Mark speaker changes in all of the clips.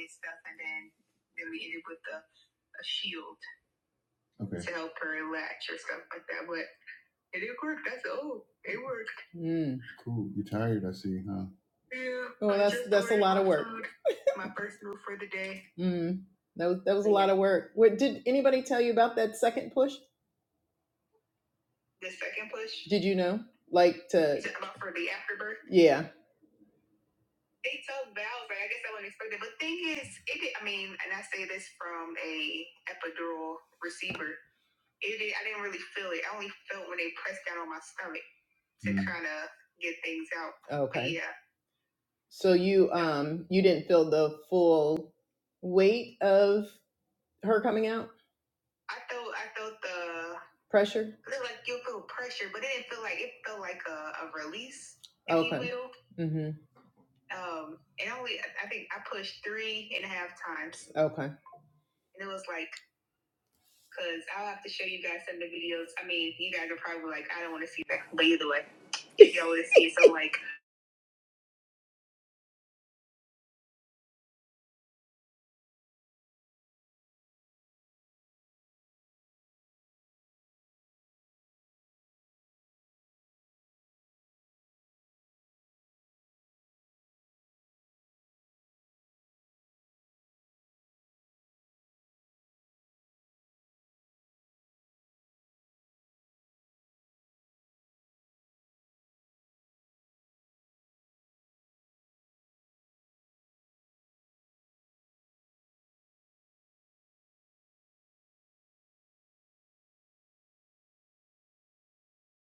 Speaker 1: and stuff, and then then we ended with a a shield Okay. to help her latch or stuff like that. But it did work. That's oh, it worked. Mm. Cool. You're tired, I see, huh? Yeah. Well, that's- that's a lot of work. my first meal for the day. Mm. That was that was a lot of work. What did anybody tell you about that second push? The second push Did you know? Like to about for the afterbirth. yeah. they took vows, right? I guess I wouldn't expect it. But thing is, it did, I mean, and I say this from a epidural receiver. It did, I didn't really feel it. I only felt when they pressed down on my stomach to Mm. kind of get things out. Okay. But yeah. So you um you didn't feel the full weight of her coming out? I felt I felt the pressure. It was like you feel pressure, but it didn't feel like it felt like a, a release. If You okay. will. Um, and only I think I pushed three and a half times. Okay. And it was like, cause I'll have to show you guys some of the videos. I mean, you guys are probably like, I don't want to see that, but either way, you don't want to see it. So like,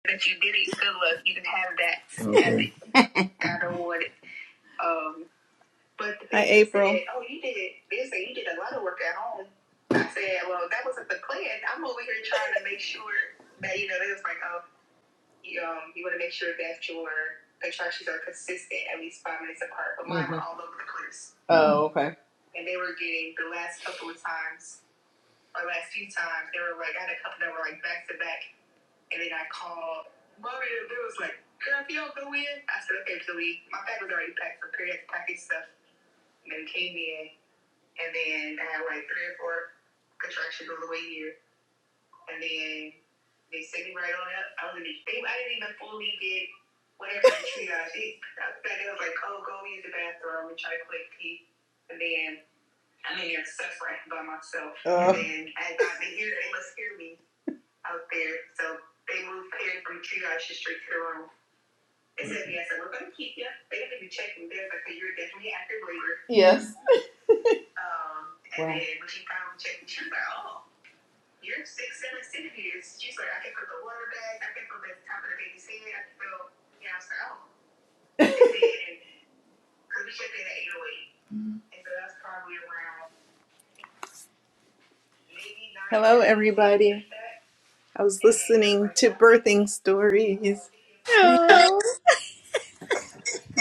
Speaker 1: that you did it, good luck. You can have that. Okay. I don't want it. Um, but the Hi, April. Said, oh, you did. They say you did a lot of work at home. I said, well, that wasn't the plan. I'm over here trying to make sure that you know. They was like, oh, you, um, you want to make sure that your contractions are consistent, at least five minutes apart. But mine mm-hmm. were all over the place, Oh, okay. and they were getting the last couple of times or last few times they were like I had a couple that were like back to back, and then I called Mario. They was like, "Girl, if you don't go in," I said, "Okay, Zoe, my bag was already packed for period package stuff." And then came in, and then I had like three or four contractions all the way here and then they set me right on up. I was in the, they, I didn't even fully get whatever the triage is. I said it was like, oh, go use the bathroom and try to click pee. And then I'm in there suffering by myself. Uh, And then as I, they hear, they must hear me out there. So they moved Perry from triage straight to the room. They said, yes, and we're going to keep you. They didn't even check me there because you're definitely active labor. yes. Um, and Wow. then when she finally checked me, she was like, oh, you're six, seven, six years. She's like, I can put the water back. I can put the top of the baby's head. I can feel, yeah, I was like, oh. Because we checked in at 808. And so that's probably around maybe nine. Hello, everybody. like I was listening like, to birthing stories.
Speaker 2: No,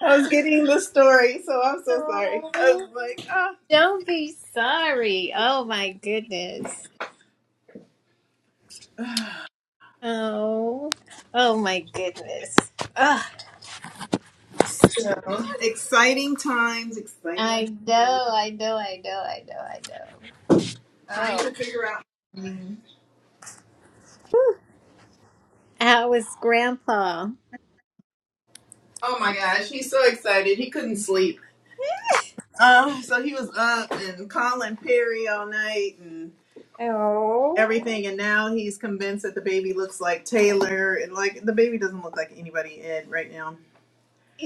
Speaker 1: I was getting the story, so I'm so sorry. I
Speaker 2: no.
Speaker 1: was like, ah,
Speaker 2: Don't be sorry. Oh my goodness. Oh, oh my goodness. Ugh.
Speaker 1: exciting times, exciting
Speaker 2: I
Speaker 1: times. I'm
Speaker 2: know, I know, I know, I know, I know.
Speaker 1: Trying
Speaker 2: Oh,
Speaker 1: to figure out. Mm-hmm.
Speaker 2: how was Grandpa?
Speaker 1: Oh my gosh, he's so excited. He couldn't sleep. Um, so he was up and calling Perry all night and
Speaker 2: Oh,
Speaker 1: everything, and now he's convinced that the baby looks like Taylor, and like the baby doesn't look like anybody Ed right now.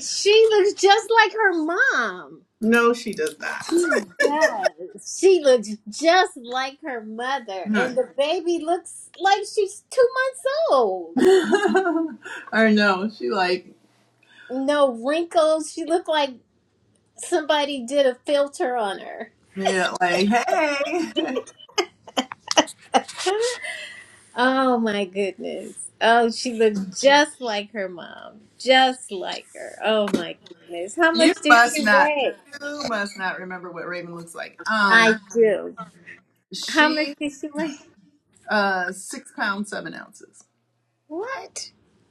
Speaker 2: she looks just like her mom.
Speaker 1: No, she does
Speaker 2: She does. She looks just like her mother,
Speaker 1: not.
Speaker 2: and the baby looks like she's two months old.
Speaker 1: or no, she like
Speaker 2: No wrinkles. She looked like Somebody did a filter on her.
Speaker 1: yeah, like hey,
Speaker 2: Oh my goodness. Oh, she looked just like her mom. Just like her. Oh my goodness. How
Speaker 1: you
Speaker 2: much did she
Speaker 1: must not,
Speaker 2: weigh?
Speaker 1: you must not remember what Raven looks like.
Speaker 2: I
Speaker 1: Um,
Speaker 2: do. How much
Speaker 1: she
Speaker 2: did she weigh?
Speaker 1: uh six pounds seven ounces.
Speaker 2: What?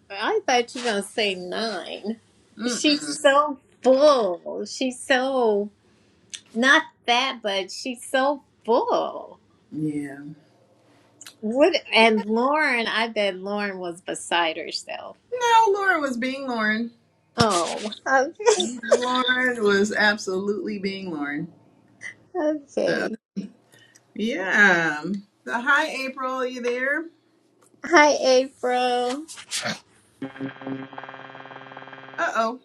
Speaker 2: I thought you were going to say nine. She's
Speaker 1: Mm-mm.
Speaker 2: so full. She's so, not fat, but she's so full.
Speaker 1: Yeah.
Speaker 2: What? And Lauren, I bet Lauren was beside herself.
Speaker 1: No, Lauren was being Lauren.
Speaker 2: Oh.
Speaker 1: Lauren was absolutely being Lauren. So,
Speaker 2: Okay.
Speaker 1: yeah. So, hi, April. Are you there?
Speaker 2: Hi, April.
Speaker 1: Uh oh.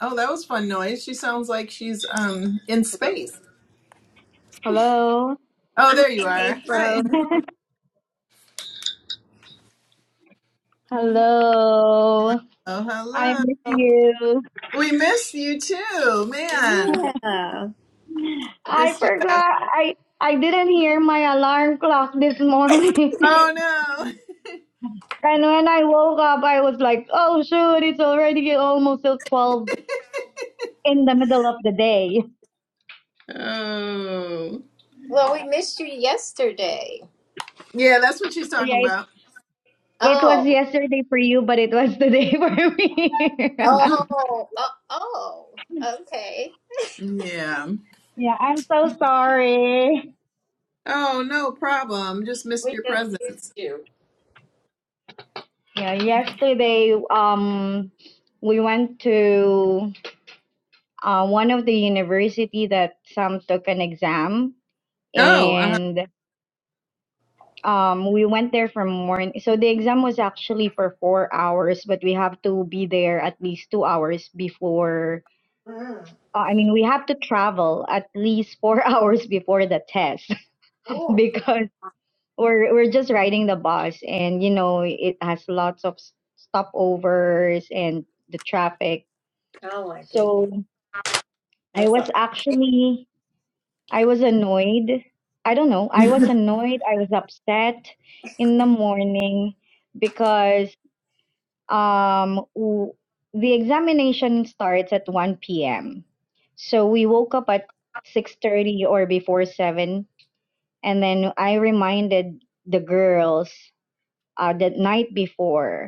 Speaker 1: Oh, that was fun noise. She sounds like she's um in space.
Speaker 3: Hello,
Speaker 1: Oh,
Speaker 2: Hi,
Speaker 1: there you are. Hi, April.
Speaker 2: April.
Speaker 3: hello. I
Speaker 1: Oh,
Speaker 3: miss
Speaker 1: hello.
Speaker 3: you.
Speaker 1: We missed you too, man.
Speaker 2: Yeah.
Speaker 3: I
Speaker 1: Missed you last.
Speaker 3: forgot. I I didn't hear my alarm clock this morning.
Speaker 1: Oh
Speaker 3: And when I woke up, I was like, "Oh shoot, it's already almost till 12 in the middle of the day."
Speaker 1: no. Oh.
Speaker 2: Well, we missed you yesterday.
Speaker 1: Yeah, that's what she's talking
Speaker 3: Yeah, it,
Speaker 1: about.
Speaker 3: it was
Speaker 2: Oh.
Speaker 3: yesterday for you, but it was today for me.
Speaker 2: Oh. Oh. oh. Okay.
Speaker 1: yeah.
Speaker 3: yeah, I'm so sorry.
Speaker 1: Oh, no problem. Just missed
Speaker 2: We
Speaker 1: your
Speaker 2: just missed
Speaker 1: presence.
Speaker 2: you.
Speaker 3: Yeah, yesterday um we went to uh, one of the university that Sam took an exam,
Speaker 1: Oh, uh huh.
Speaker 3: and um, we went there from morning. So the exam was actually for four hours, but we have to be there at least two hours before.
Speaker 2: Mm.
Speaker 3: Uh, I mean, we have to travel at least four hours before the test
Speaker 2: Oh.
Speaker 3: because we're we're just riding the bus, and you know it has lots of s- stopovers and the traffic.
Speaker 2: Oh my
Speaker 3: So
Speaker 2: goodness.
Speaker 3: I
Speaker 2: That's all.
Speaker 3: was actually I was annoyed. I don't know. I was annoyed. I was upset in the morning because um, w- the examination starts at 1 p.m. So we woke up at 6:30 or before 7 and then I reminded the girls uh, the night before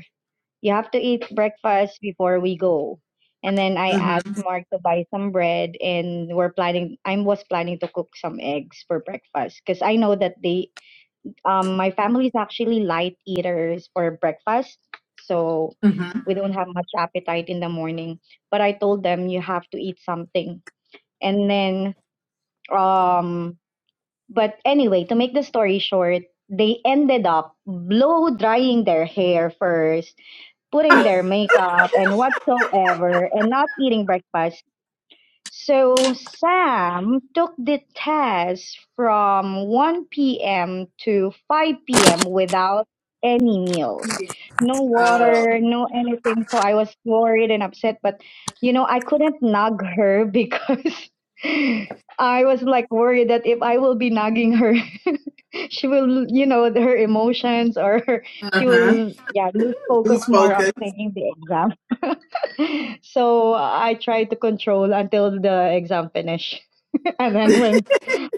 Speaker 3: you have to eat breakfast before we go. And then I
Speaker 1: Mm
Speaker 3: asked Mark to buy some bread and we're planning I was planning to cook some eggs for breakfast because I know that they um my family is actually light eaters for breakfast. So
Speaker 1: hmm. Mm hmm.
Speaker 3: we don't have much appetite in the morning. But I told them you have to eat something. And then um but anyway, to make the story short, they ended up blow drying their hair first putting their makeup and whatsoever and not eating breakfast so Sam took the test from 1 p.m. to 5 p.m. without any meals, no
Speaker 1: Oh.
Speaker 3: water, no anything. So I was worried and upset, but you know, I couldn't nag her because I was like worried that if I will be nagging her, she will, you know, her emotions or her, she
Speaker 1: Uh-huh.
Speaker 3: will, yeah, lose focus
Speaker 1: Who's
Speaker 3: more on
Speaker 1: focused?
Speaker 3: taking the exam. So I tried to control until the exam finished. And then when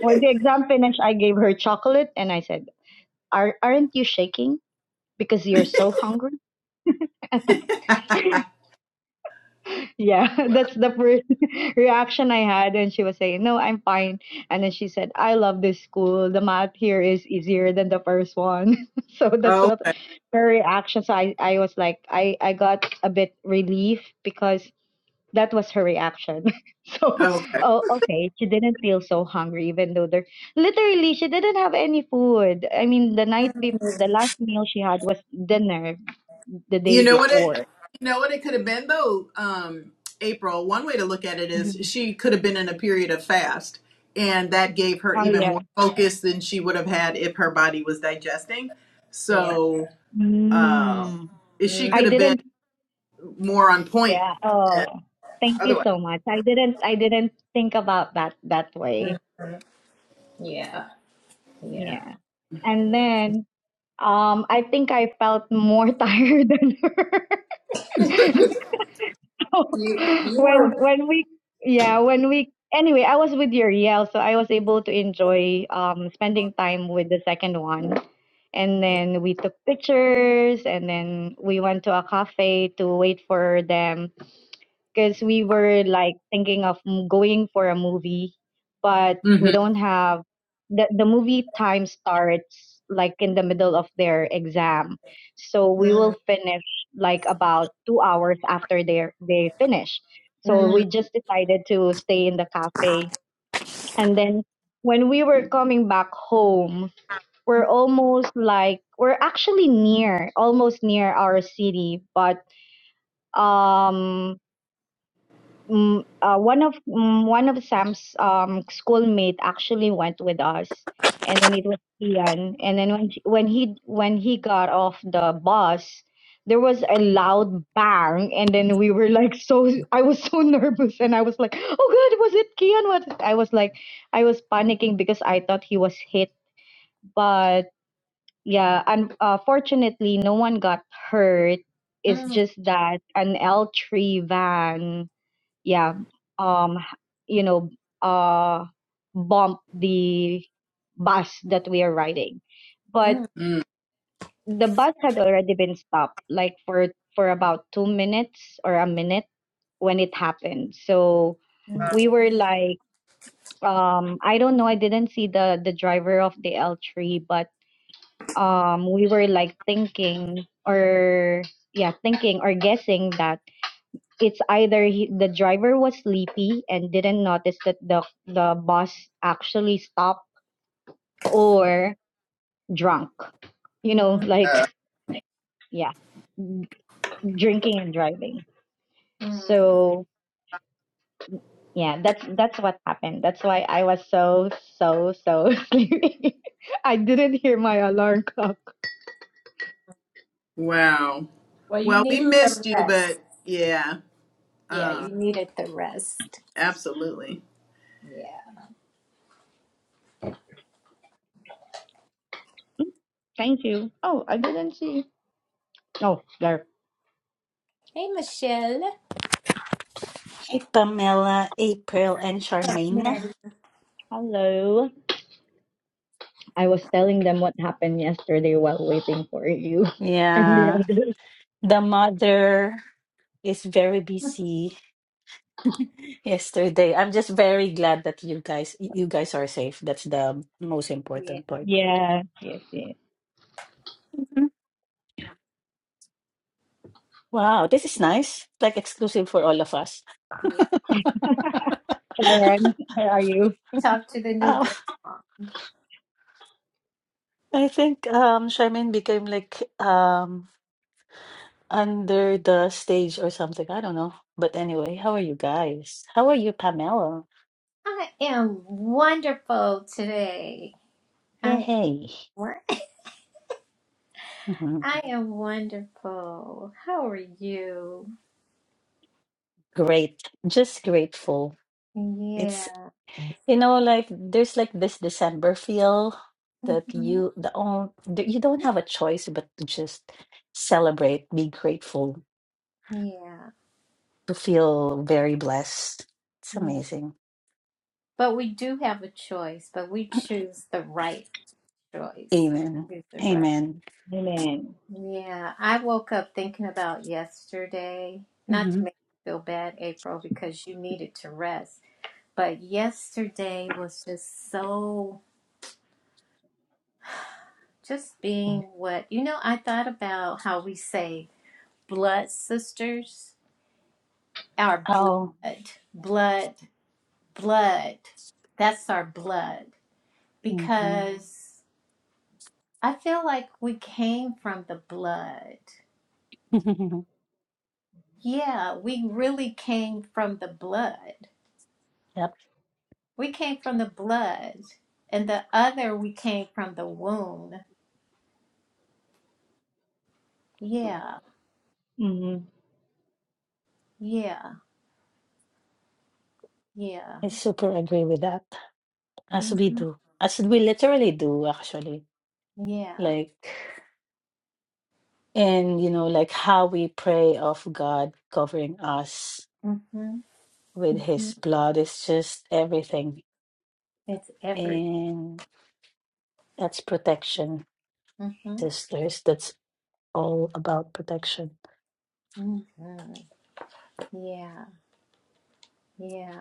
Speaker 3: when the exam finished, I gave her chocolate and I said, Are aren't you shaking? Because you're so hungry? Yeah, that's the first reaction I had. And she was saying, No, I'm fine. And then she said, I love this school. The math here is easier than the first one. so that's
Speaker 1: oh,
Speaker 3: what her reaction. So I, I was like, I, I got a bit relief because that was her reaction. So,
Speaker 1: okay.
Speaker 3: oh, okay, she didn't feel so hungry, even though there literally she didn't have any food. I mean, the night bef- the last meal she had was dinner the day
Speaker 1: You know what it?
Speaker 3: before.
Speaker 1: You know what it could have been though. Um, April. One way to look at it is
Speaker 3: Mhm.
Speaker 1: she could have been in a period of fast, and that gave her
Speaker 3: Oh
Speaker 1: even
Speaker 3: yeah.
Speaker 1: more focus than she would have had if her body was digesting.
Speaker 2: Yeah.
Speaker 1: So, um,
Speaker 3: Mm.
Speaker 1: she could
Speaker 3: I
Speaker 1: have been
Speaker 3: didn't.
Speaker 1: more on point
Speaker 3: Yeah. Oh, thank you
Speaker 1: otherwise.
Speaker 3: so much. I didn't. I didn't think about that that way.
Speaker 2: Mm-hmm. Yeah. Yeah.
Speaker 3: Yeah. And then, um, I think I felt more tired than her.
Speaker 2: You. You
Speaker 3: when
Speaker 2: were.
Speaker 3: when we yeah when we anyway i was with uriel so i was able to enjoy um spending time with the second one and then we took pictures and then we went to a cafe to wait for them because we were like thinking of m- going for a movie, but we
Speaker 1: Mm-hmm.
Speaker 3: don't have the the movie time starts like in the middle of their exam, so we will
Speaker 2: Mm,
Speaker 3: finish like about two hours after they they finish. So
Speaker 2: mm,
Speaker 3: we just decided to stay in the cafe, and then when we were coming back home, we're almost like we're actually near, almost near our city, but um mm, uh, one of mm, one of Sam's um schoolmate actually went with us, and then it was Ian. And then when she- when he when he got off the bus, there was a loud bang, and then we were like so. I was so nervous, and I was like, "Oh God, was it Kian?" What I was like, I was panicking because I thought he was hit, but yeah, and uh, fortunately, no one got hurt. It's
Speaker 2: mm,
Speaker 3: just that an L three van yeah um you know uh bump the bus that we are riding but
Speaker 2: mm,
Speaker 3: the bus had already been stopped like for for about 2 minutes or a minute when it happened so
Speaker 2: mm,
Speaker 3: we were like um i don't know i didn't see the the driver of the l3 but um we were like thinking or yeah thinking or guessing that it's either he, the driver was sleepy and didn't notice that the the bus actually stopped or drunk you know
Speaker 2: mm,
Speaker 3: like yeah drinking and driving
Speaker 2: mm.
Speaker 3: so yeah that's that's what happened that's why i was so so so sleepy i didn't hear my alarm clock
Speaker 1: Wow.
Speaker 2: Well, you
Speaker 1: Well, we
Speaker 2: needed
Speaker 1: missed
Speaker 2: the
Speaker 1: you,
Speaker 2: rest.
Speaker 1: but yeah,
Speaker 2: Yeah,
Speaker 1: uh,
Speaker 2: you needed the rest.
Speaker 1: absolutely.
Speaker 2: Yeah.
Speaker 3: thank you oh i didn't see oh there
Speaker 2: Hey, Michelle.
Speaker 4: Hey, Pamela, April, and Charmaine.
Speaker 2: Mary.
Speaker 3: hello i was telling them what happened yesterday while waiting for you and they
Speaker 4: Yeah,
Speaker 3: are
Speaker 4: the mother is very busy yesterday. I'm just very glad that you guys you guys are safe. That's the most
Speaker 2: Yeah,
Speaker 4: important part.
Speaker 3: Yes, yes, yes.
Speaker 4: Mhm. Wow, this is nice. Like exclusive for all of us.
Speaker 2: yeah. We can
Speaker 3: Sharon, where are you?
Speaker 2: talk to the new
Speaker 4: Uh,
Speaker 2: grandma.
Speaker 4: I think um Charmaine became like um under the stage or something. I don't know. But anyway, how are you guys? How are you, Pamela?
Speaker 2: I am wonderful today. I
Speaker 4: Yay.
Speaker 2: What? I am wonderful. How are you?
Speaker 4: Great. Just grateful. It's,
Speaker 2: Yeah.
Speaker 4: you know, like there's like this December feel that
Speaker 2: Mhm.
Speaker 4: you the own that you don't have a choice but to just celebrate, be grateful,
Speaker 2: Yeah.
Speaker 4: to feel very blessed. It's
Speaker 2: Yeah.
Speaker 4: amazing.
Speaker 2: But we do have a choice, but we choose the right choice.
Speaker 4: Amen.
Speaker 2: Choose the right.
Speaker 4: Amen.
Speaker 3: Amen.
Speaker 2: Yeah. I woke up thinking about yesterday. Not to
Speaker 4: hmm
Speaker 2: make you feel bad, April, because you needed to rest. But yesterday was just so, just being what, you know, I thought about how we say blood sisters, our
Speaker 4: Oh,
Speaker 2: blood, blood, blood. That's our blood.
Speaker 4: hmm
Speaker 2: Because I feel like we came from the blood. Yeah, we really came from the blood.
Speaker 4: yep.
Speaker 2: We came from the blood. And the other, we came from the womb. Yeah,
Speaker 3: Mm-hmm.
Speaker 2: yeah, yeah.
Speaker 4: I super agree with that. As we
Speaker 2: Mm-hmm.
Speaker 4: do, as we literally do, actually.
Speaker 2: Yeah.
Speaker 4: Like, and you know, like how we pray of God covering us
Speaker 2: Mm-hmm.
Speaker 4: with
Speaker 2: Mm-hmm.
Speaker 4: his blood. It's just everything.
Speaker 2: It's every.
Speaker 4: And that's protection,
Speaker 2: Mm-hmm.
Speaker 4: sisters. That's all about protection.
Speaker 2: Mm-hmm. Yeah. Yeah.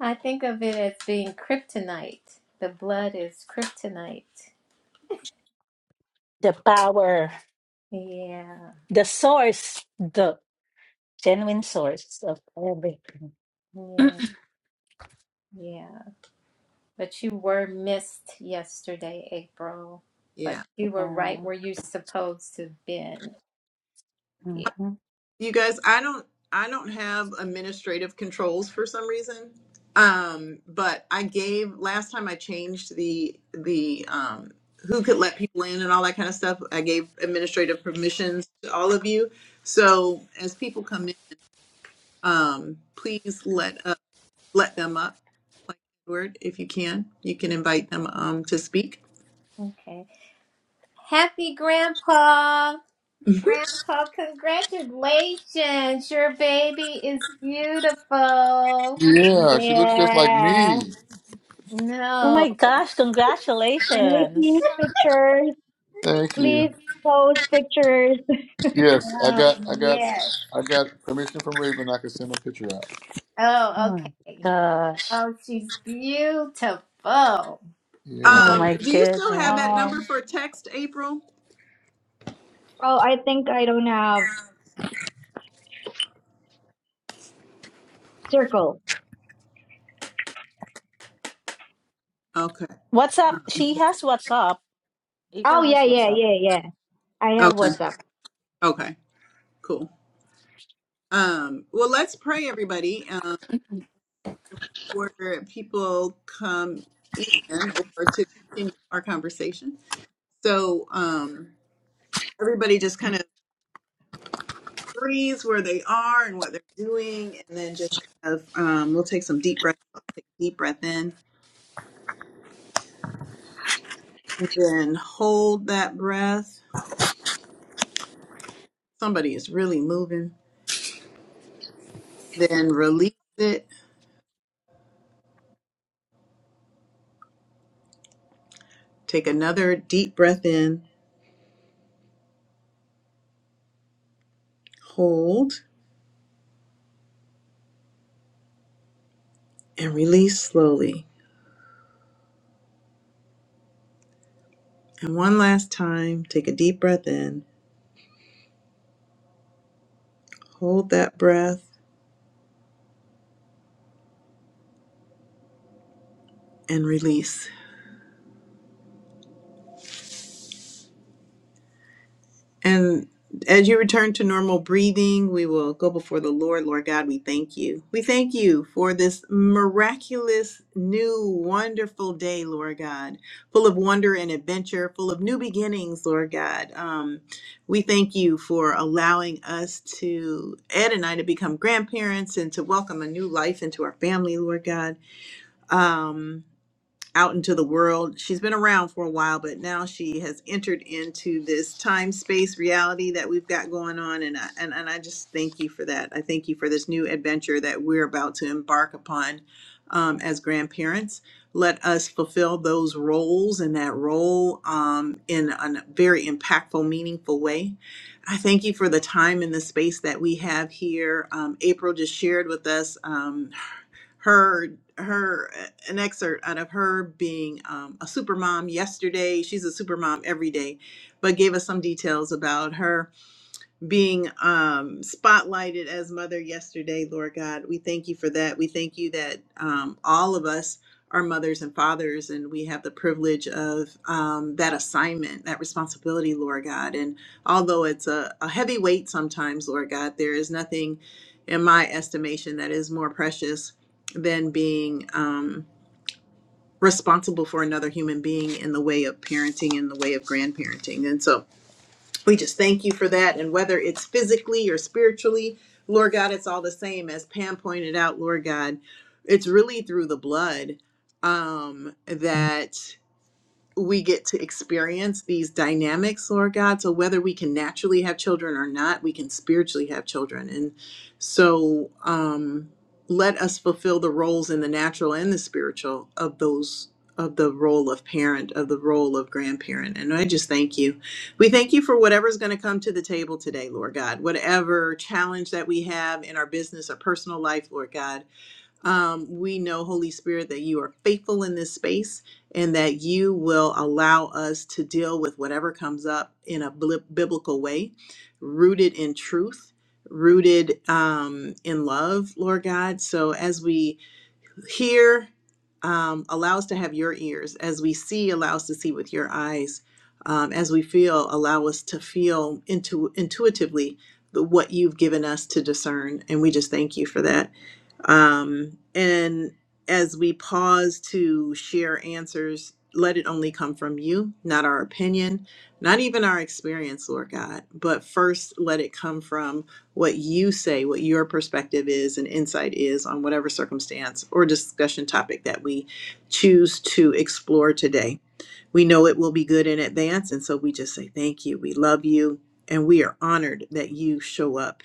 Speaker 2: I think of it as being kryptonite. The blood is kryptonite.
Speaker 4: The power,
Speaker 2: Yeah.
Speaker 4: the source, the genuine source of everything.
Speaker 2: Yeah. Yeah. But you were missed yesterday, April.
Speaker 1: Yeah.
Speaker 2: But you were
Speaker 4: Yeah.
Speaker 2: right where you're supposed to have been. Yeah.
Speaker 4: hmm
Speaker 1: you guys i don't i don't have administrative controls for some reason um but i gave last time i changed the the um who could let people in and all that kind of stuff i gave administrative permissions to all of you so as people come in um please let up let them up like Edward, if you can you can invite them um to speak
Speaker 2: Okay. Happy Grandpa. Grandpa, congratulations. Your baby is beautiful.
Speaker 5: Yeah, she looks just like
Speaker 3: Yeah.
Speaker 5: me.
Speaker 4: Oh
Speaker 2: No.
Speaker 4: my gosh,
Speaker 3: can we see
Speaker 4: congratulations.
Speaker 3: pictures?
Speaker 5: Thank you.
Speaker 3: Please post.
Speaker 5: Yes, I
Speaker 2: Oh,
Speaker 5: got, I got,
Speaker 2: yes.
Speaker 5: I got permission from Raven. I can send a picture out.
Speaker 4: Oh
Speaker 2: Oh,
Speaker 4: my
Speaker 2: okay.
Speaker 4: gosh.
Speaker 2: Oh, she's beautiful. Mm,
Speaker 5: Yeah.
Speaker 4: Oh
Speaker 1: um
Speaker 4: my
Speaker 1: do you still
Speaker 4: goodness.
Speaker 3: Um,
Speaker 1: have that number for text april
Speaker 3: oh, I think I don't have circle.
Speaker 1: okay
Speaker 4: What's
Speaker 1: Uh,
Speaker 4: up? She has what's up.
Speaker 3: Oh,
Speaker 4: April
Speaker 3: yeah,
Speaker 4: has what's
Speaker 3: yeah,
Speaker 4: up.
Speaker 3: yeah, yeah. I have
Speaker 1: okay
Speaker 3: WhatsApp.
Speaker 1: okay cool Um, well, let's pray, everybody, um, where people come in or to continue our conversation. So, um, everybody just kind of breathes where they are and what they're doing, and then just kind of um, we'll take some deep breath, take a deep breath in, and then hold that breath. Somebody is really moving. Then release it. Take another deep breath in, hold, and release slowly. And one last time, take a deep breath in Hold that breath and release. And as you return to normal breathing, we will go before the Lord. Lord God, we thank you. We thank you for this miraculous, new, wonderful day, Lord God, full of wonder and adventure, full of new beginnings, Lord God. Um, we thank you for allowing us to, Ed and I, to become grandparents and to welcome a new life into our family, Lord God. Um, out into the world. She's been around for a while, but now she has entered into this time space reality that we've got going on. And I, and, and I just thank you for that. I thank you for this new adventure that we're about to embark upon um, as grandparents. Let us fulfill those roles and that role um, in a very impactful, meaningful way. I thank you for the time and the space that we have here. Um, April just shared with us. um, her her eh, an excerpt out of her being um, a supermom yesterday. She's a supermom every day, but gave us some details about her being um, spotlighted as mother yesterday, Lord God. We thank you for that. We thank you that um, all of us are mothers and fathers, and we have the privilege of um, that assignment, that responsibility, Lord God. And although it's a, a heavy weight sometimes, Lord God, there is nothing in my estimation that is more precious than being. Um, responsible for another human being in the way of parenting in the way of grandparenting and so we just thank you for that. And whether it's physically or spiritually, Lord God, it's all the same. As Pam pointed out, Lord God, it's really through the blood um, that we get to experience these dynamics, Lord God. So whether we can naturally have children or not, we can spiritually have children. And so um let us fulfill the roles in the natural and the spiritual of those of the role of parent, of the role of grandparent. And I just thank you. We thank you for whatever's going to come to the table today, Lord God. Whatever challenge that we have in our business or personal life, Lord God. Um, we know, Holy Spirit, that you are faithful in this space and that you will allow us to deal with whatever comes up in a bli- biblical way, rooted in truth, rooted um, in love, Lord God. So as we hear, um, allow us to have your ears. As we see, allow us to see with your eyes. Um, as we feel, allow us to feel intu- intuitively the, what you've given us to discern. And we just thank you for that. Um, and as we pause to share answers, let it only come from you, not our opinion, not even our experience, Lord God, but first let it come from what you say, what your perspective is and insight is on whatever circumstance or discussion topic that we choose to explore today. We know it will be good in advance, and so we just say thank you. We love you, and we are honored that you show up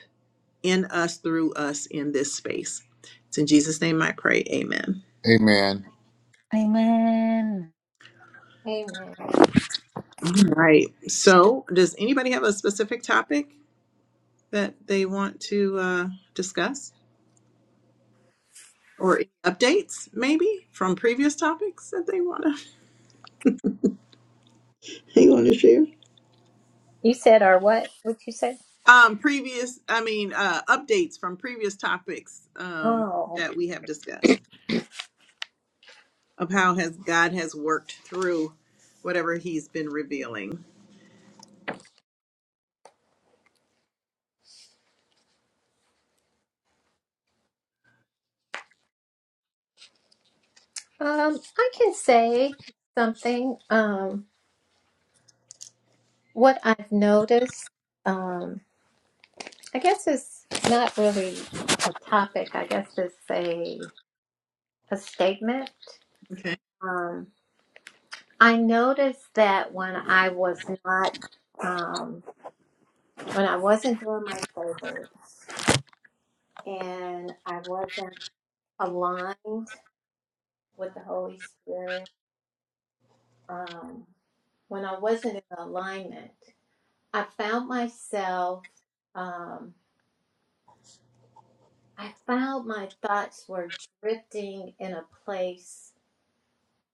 Speaker 1: in us, through us, in this space. It's in Jesus' name I pray. Amen.
Speaker 5: Amen.
Speaker 4: Amen.
Speaker 2: Amen.
Speaker 1: All right. So, does anybody have a specific topic that they want to uh, discuss or updates, maybe from previous topics that they want to? They want to share.
Speaker 2: You said our what? What you say?
Speaker 1: Um, previous, I mean, uh, updates from previous topics um,
Speaker 2: Oh,
Speaker 1: that we have discussed of how has God has worked through whatever He's been revealing.
Speaker 2: um, I can say something. Um, what I've noticed, um, I guess it's not really a topic. I guess it's a a statement.
Speaker 1: Okay.
Speaker 2: Um, I noticed that when I was not um, when I wasn't doing my favors and I wasn't aligned with the Holy Spirit, um, when I wasn't in alignment, I found myself, um, I found my thoughts were drifting in a place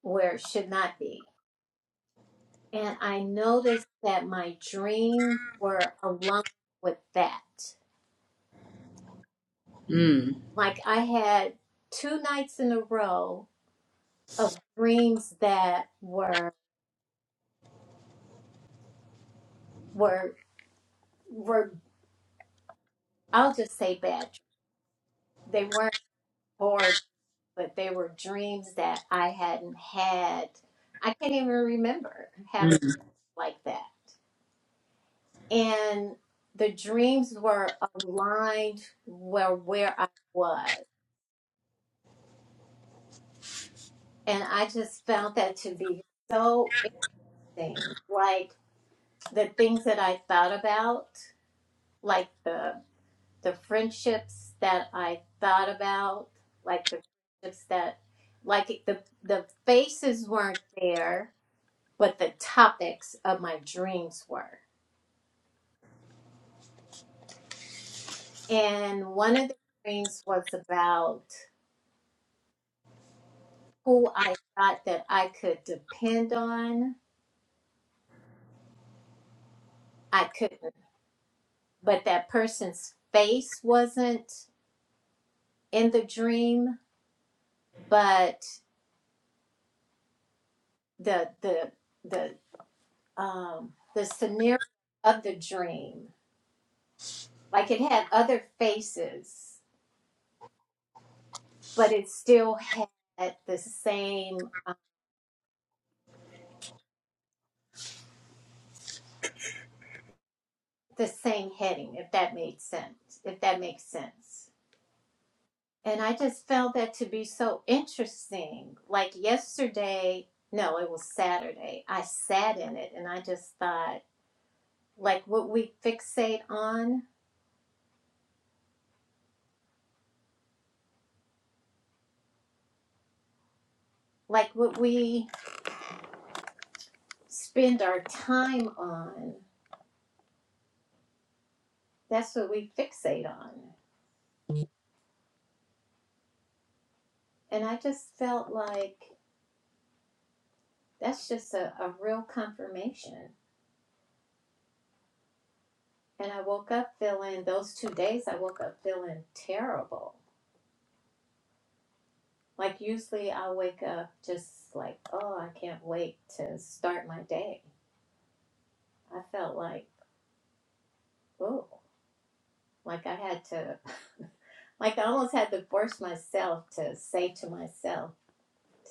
Speaker 2: where it should not be. And I noticed that my dreams were aligned with that.
Speaker 1: Mm.
Speaker 2: Like I had two nights in a row of dreams that were were were I'll just say bad. They weren't bored, but they were dreams that I hadn't had. I can't even remember having like that. And the dreams were aligned where where I was. And I just found that to be so interesting. Like the things that I thought about, like the the friendships that I thought about, like the friendships that, like the the faces weren't there, but the topics of my dreams were. And one of the dreams was about who I thought that I could depend on. I couldn't, but that person's face wasn't in the dream, but the the the um the scenario of the dream Like it had other faces, but it still had the same um, the same heading. If that made sense. If that makes sense. And I just found that to be so interesting. Like yesterday, no, it was Saturday. I sat in it and I just thought, like, what we fixate on, like what we spend our time on, that's what we fixate on. And I just felt like that's just a, a real confirmation. And I woke up feeling those two days I woke up feeling terrible. Like usually I wake up just like, oh, I can't wait to start my day. I felt like, oh, like I had to like I almost had to force myself to say to myself,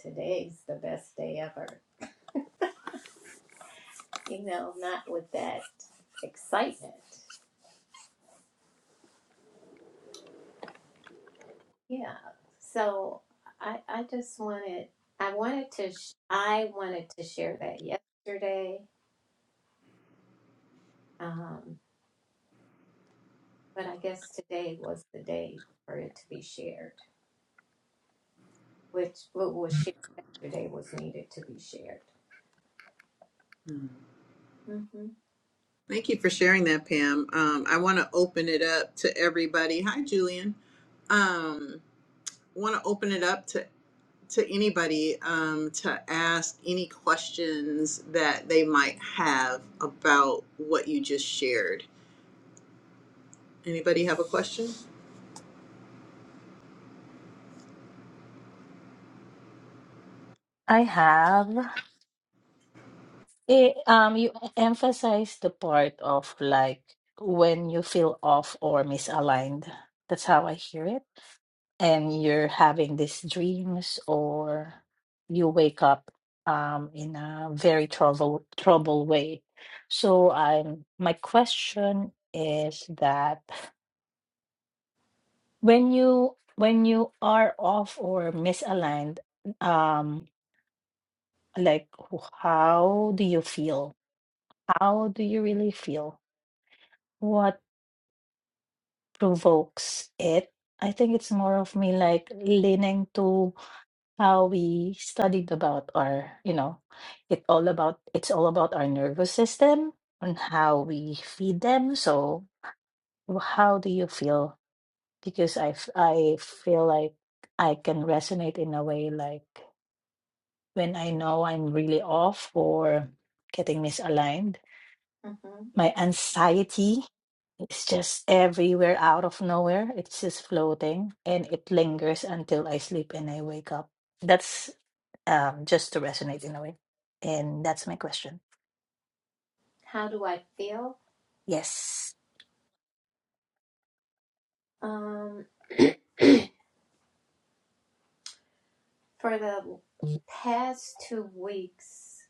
Speaker 2: today's the best day ever. You know, not with that excitement. Yeah. So I I just wanted I wanted to sh- I wanted to share that yesterday, um, but I guess today was the day for it to be shared, which what was shared yesterday was needed to be shared. hmm
Speaker 1: Thank you for sharing that, Pam. Um, I want to open it up to everybody. Hi, Julian. Um, want to open it up to to anybody um, to ask any questions that they might have about what you just shared. Anybody have a question?
Speaker 4: I have. Eh, um, you emphasize the part of like when you feel off or misaligned. That's how I hear it. And you're having these dreams, or you wake up um in a very trouble trouble way. So I'm my question is that when you when you are off or misaligned, um, like how do you feel? How do you really feel? What provokes it. I think it's more of me like leaning to how we studied about our, you know, it all about it's all about our nervous system and how we feed them. So how do you feel? Because I f- I feel like I can resonate in a way like when I know I'm really off or getting misaligned,
Speaker 2: hmm
Speaker 4: my anxiety It's just everywhere out of nowhere. It's just floating and it lingers until I sleep and I wake up. That's um, just to resonate in a way. And that's my question.
Speaker 2: How do I feel?
Speaker 4: Yes.
Speaker 2: Um, for the past two weeks,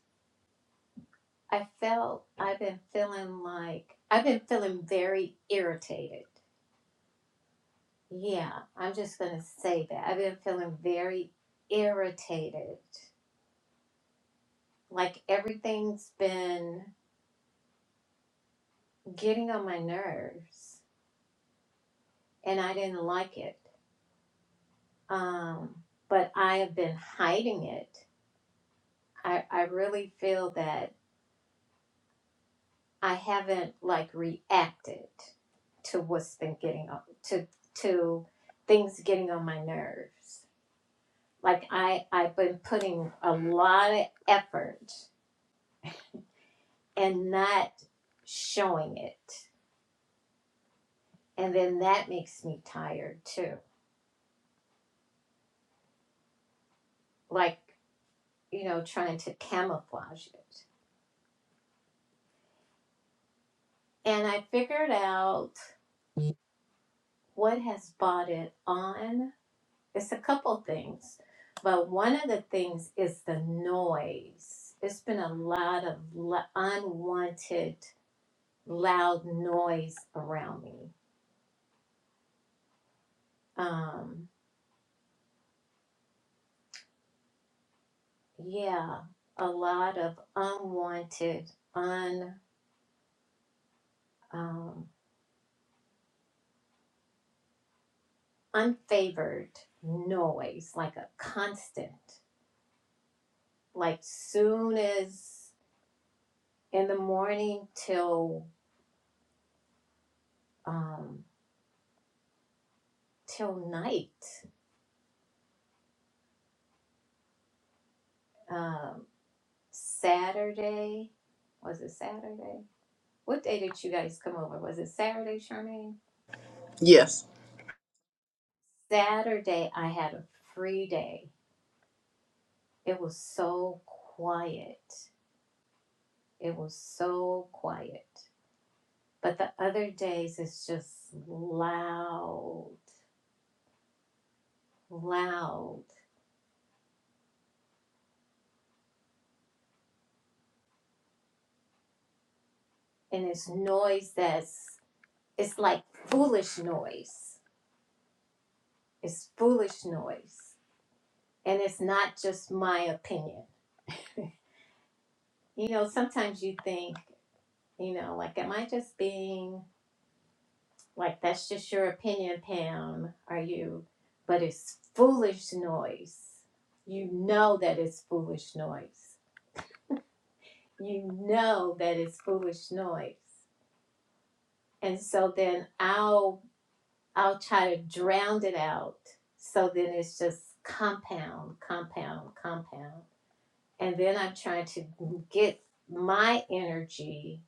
Speaker 2: I felt I've been feeling like I've been feeling very irritated Yeah, I'm just going to say that. I've been feeling very irritated. Like everything's been getting on my nerves and I didn't like it. Um, but I have been hiding it. I, I really feel that I haven't like reacted to what's been getting on to to things getting on my nerves. Like I I've been putting a lot of effort and not showing it. And then that makes me tired too. Like, you know, trying to camouflage it. And I figured out what has bought it on. It's a couple things, but one of the things is the noise. It's been a lot of lo- unwanted, loud noise around me. Um, yeah, a lot of unwanted, un. um, unfavored noise, like a constant, like soon as in the morning till um, till night. Um, Saturday was it Saturday? What day did you guys come over? Was it Saturday, Charmaine?
Speaker 1: Yes.
Speaker 2: Saturday, I had a free day. It was so quiet. It was so quiet. But the other days, it's just loud, loud. and it's noise that's it's like foolish noise it's foolish noise and it's not just my opinion you know sometimes you think you know like am i just being like that's just your opinion pam are you but it's foolish noise you know that it's foolish noise you know that it's foolish noise and so then i'll I'll try to drown it out. So then it's just compound, compound, compound. And then I'm trying to get my energy,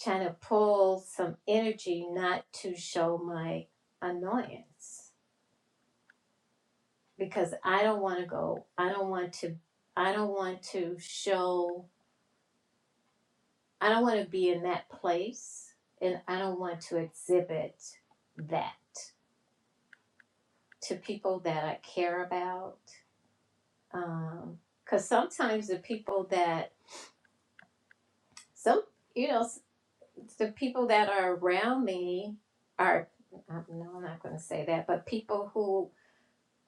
Speaker 2: trying to pull some energy not to show my annoyance because I don't want to go, I don't want to, I don't want to show, I don't want to be in that place and I don't want to exhibit that to people that I care about Um, cause sometimes the people that some you know s- the people that are around me are uh, no i'm not going to say that but people who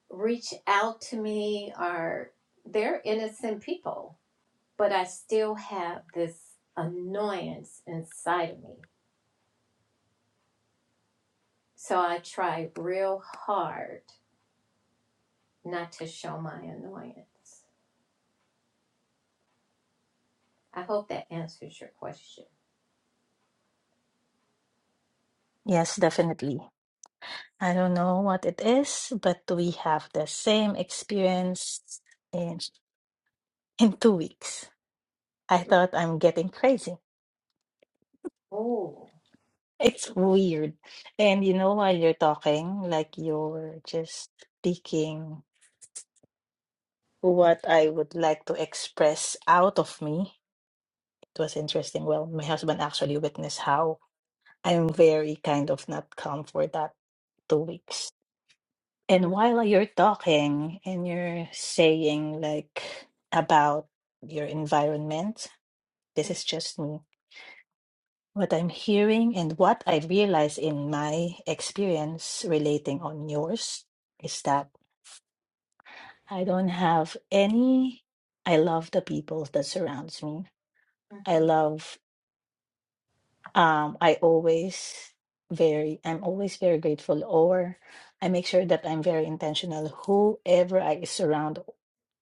Speaker 2: reach out to me are they're innocent people but i still have this annoyance inside of me so i try real hard not to show my annoyance i hope that answers your question
Speaker 4: Yes, definitely. I don't know what it is, but we have the same experience in in two weeks. I thought I'm getting crazy.
Speaker 2: oh
Speaker 4: It's weird. And you know, while you're talking, like you're just speaking what I would like to express out of me. It was interesting. Well, my husband actually witnessed how I'm very kind of not calm for that two weeks. And
Speaker 2: mm-hmm.
Speaker 4: while you're talking and you're saying like about your environment, this is just me. What I'm hearing and what I realize in my experience relating on yours is that I don't have any I love the people that surrounds me. I
Speaker 2: Mhm,
Speaker 4: love um, I always very I'm always very grateful or I make sure that I'm very intentional whoever I surround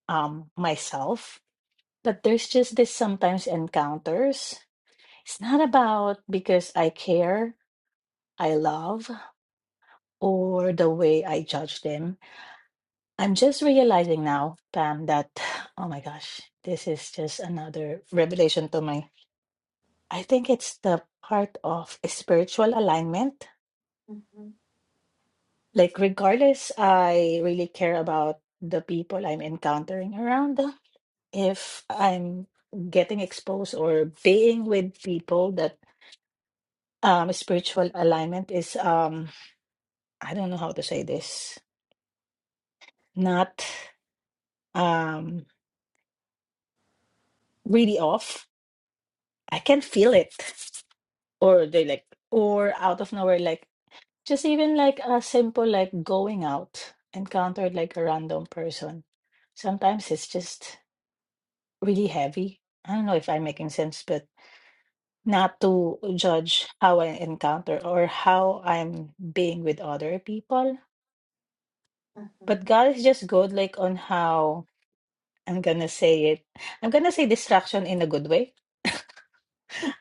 Speaker 4: um myself.
Speaker 2: mhm,
Speaker 4: But there's just this sometimes encounters. It's not about because I care, I love, or the way I judge them. I'm just realizing now, Pam, that oh my gosh, this is just another revelation to my I think it's the part of spiritual alignment
Speaker 2: mhm.
Speaker 4: Like, regardless, I really care about the people I'm encountering around. If I'm getting exposed or being with people that um spiritual alignment is um I don't know how to say this, not um really off. I can feel it. Or they like or out of nowhere, like just even like a simple like going out, encountered like a random person. Sometimes it's just really heavy. I don't know if I'm making sense, but not to judge how I encounter or how I'm being with other people. But God is just good, like on how I'm gonna say it. I'm gonna say distraction in a good way,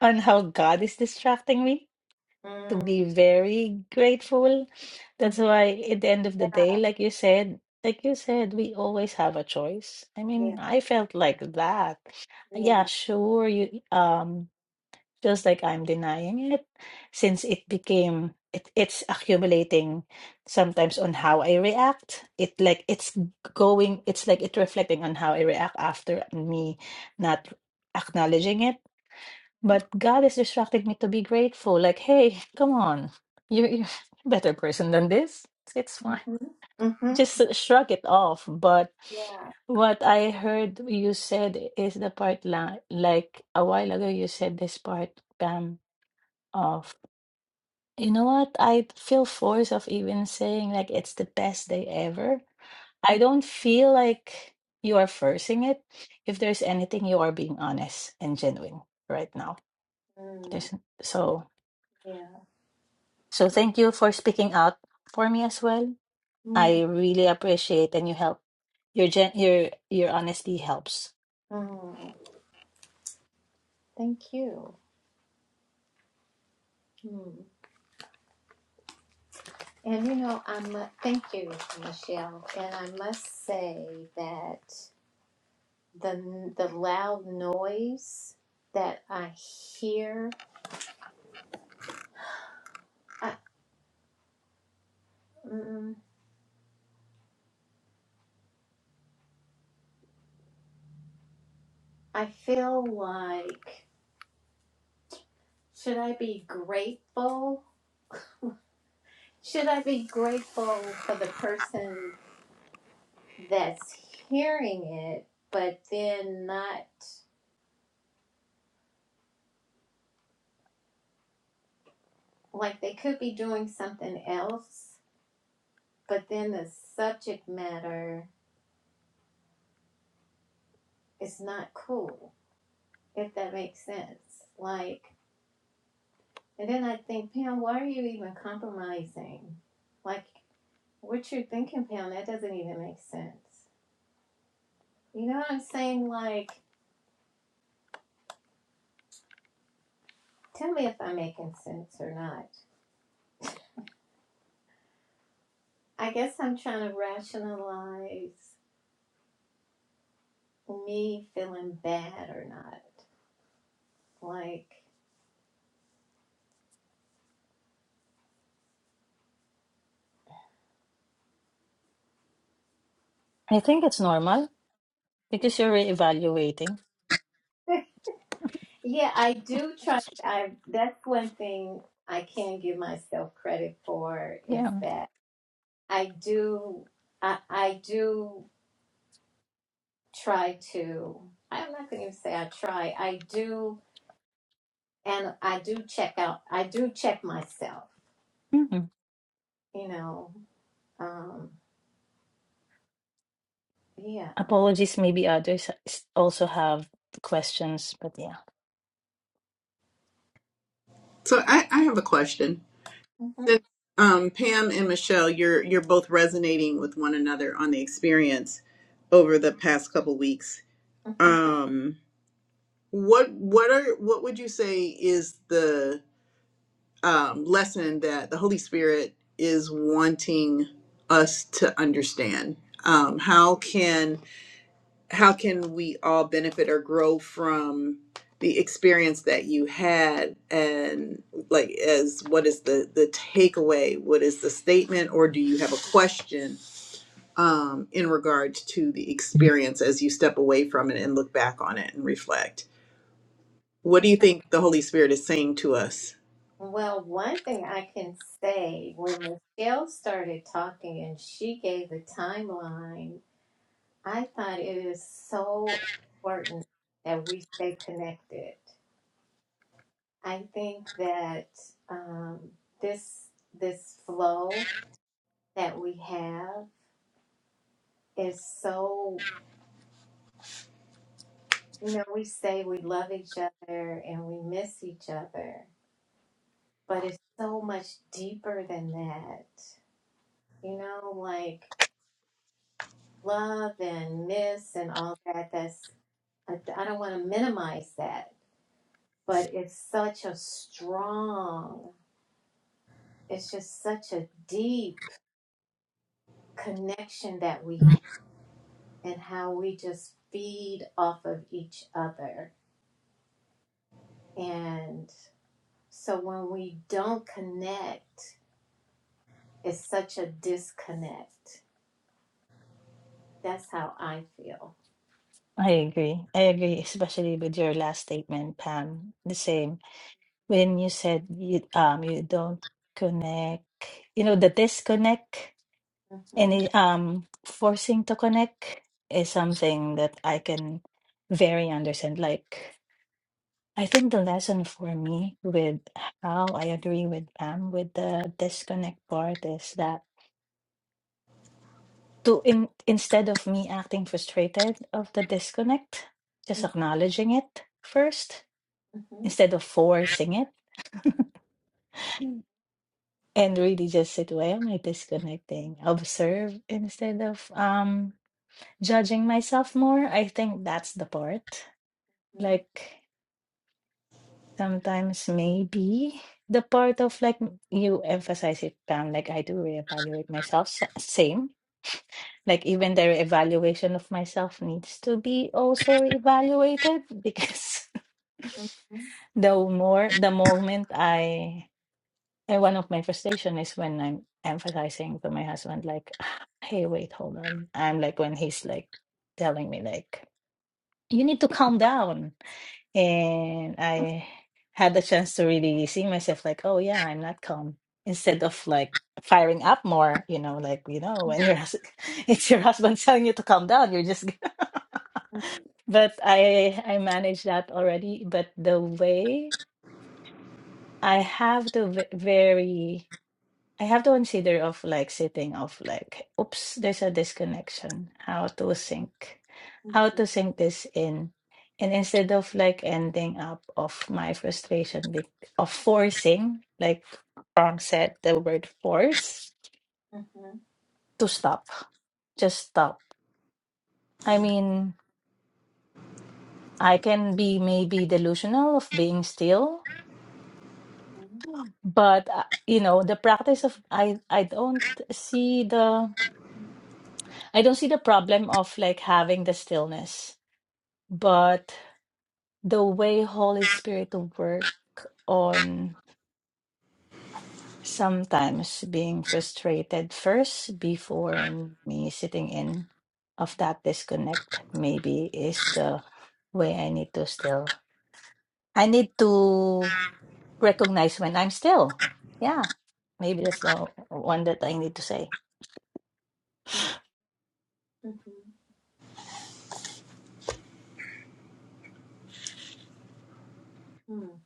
Speaker 4: on how God is distracting me to
Speaker 2: Mm,
Speaker 4: be very grateful.
Speaker 2: mhm.
Speaker 4: That's why at the end of the day, like you said, like you said, we always have a choice. I
Speaker 2: Yeah,
Speaker 4: mean, I felt like that. Yeah,
Speaker 2: yeah.
Speaker 4: sure, you um just like I'm denying it since it became it, it's accumulating sometimes on how I react. It like it's going it's like it reflecting on how I react after me not acknowledging it. But God is instructing me to be grateful. Like, hey, come on. You you're a better person than this. It's fine.
Speaker 2: Mhm. Mhm.
Speaker 4: Just shrug it off. But
Speaker 2: Yeah.
Speaker 4: what I heard you said is the part la- like a while ago you said this part, Pam of you know what? I feel forced of even saying like it's the best day ever. I don't feel like you are forcing it. If there's anything, you are being honest and genuine right now.
Speaker 2: Mhm.
Speaker 4: There's so
Speaker 2: Yeah.
Speaker 4: so thank you for speaking out for me as well.
Speaker 2: Mm.
Speaker 4: I really appreciate and you help your gen your your honesty helps.
Speaker 2: Mm. Thank you. Mm. And you know, I mu- thank you, Michelle. And I must say that the the loud noise that I hear, I, mm, I feel like should I be grateful? Should I be grateful for the person that's hearing it, but then not like they could be doing something else, but then the subject matter is not cool, if that makes sense. Like, and then I think, Pam, why are you even compromising? Like, what you're thinking, Pam, that doesn't even make sense. You know what I'm saying? Like, Tell me if I'm making sense or not. I guess I'm trying to rationalize me feeling bad or not. Like,
Speaker 4: I think it's normal because you're reevaluating.
Speaker 2: yeah, I do try. I that's one thing I can give myself credit for is
Speaker 4: Yeah.
Speaker 2: that I do. I I do try to. I'm not going to even say I try. I do, and I do check out. I do check myself.
Speaker 4: Mhm.
Speaker 2: You know. Um, yeah.
Speaker 4: Apologies, maybe others s- also have questions, but yeah.
Speaker 1: So I, I have a question.
Speaker 2: hmm
Speaker 1: Since um, Pam and Michelle, you're you're both resonating with one another on the experience over the past couple weeks. Um, what what are what would you say is the um, lesson that the Holy Spirit is wanting us to understand? Um, how can how can we all benefit or grow from the experience that you had and like as what is the the takeaway what is the statement or do you have a question um, in regards to the experience as you step away from it and look back on it and reflect what do you think the Holy Spirit is saying to us?
Speaker 2: Well, one thing I can say, when Michelle started talking and she gave the timeline, I thought it is so important that we stay connected. I think that um, this this flow that we have is so, you know, we say we love each other and we miss each other, but it's so much deeper than that. You know, like love and miss and all that. That's I, don't want to minimize that, but it's such a strong. It's just such a deep connection that we have and how we just feed off of each other. And so when we don't connect, it's such a disconnect. That's how I feel.
Speaker 4: I agree. I agree, especially with your last statement, Pam. The same. When you said you um you don't connect, you know, the disconnect and
Speaker 2: Mhm.
Speaker 4: it, um forcing to connect is something that I can very understand. Like I think the lesson for me with how I agree with Pam with the disconnect part is that to in instead of me acting frustrated of the disconnect, just acknowledging it first
Speaker 2: Mhm.
Speaker 4: instead of forcing it and really just sit, why am I disconnecting? Observe instead of um judging myself more. I think that's the part.
Speaker 2: Mhm.
Speaker 4: Like sometimes maybe the part of like you emphasize it, Pam, like I do reevaluate myself. s- Same. Like even the evaluation of myself needs to be also evaluated because
Speaker 2: Mhm.
Speaker 4: the more the moment I And one of my frustration is when I'm emphasizing to my husband, like, "Ah, hey, wait, hold on. I'm like, when he's like telling me, like, you need to calm down. And I had the chance to really see myself, like, oh, yeah, I'm not calm. Instead of like firing up more, you know, like, you know, when your hus- it's your husband telling you to calm down, you're just But I I manage that already. But the way I have to ve- very I have to consider of like sitting off like, oops, there's a disconnection. How to sync, how
Speaker 2: Mhm.
Speaker 4: to sync this in, and instead of like ending up of my frustration be- of forcing, like Ron said, the word force
Speaker 2: Mhm.
Speaker 4: to stop, just stop. I mean, I can be maybe delusional of being still,
Speaker 2: Mhm.
Speaker 4: but uh, you know, the practice of I I don't see the I don't see the problem of like having the stillness but the way Holy Spirit work on sometimes being frustrated first before me sitting in of that disconnect maybe is the way I need to still I need to recognize when I'm still. Yeah. Maybe that's the one that I need to say.
Speaker 2: Mhm. Mhm. Hmm.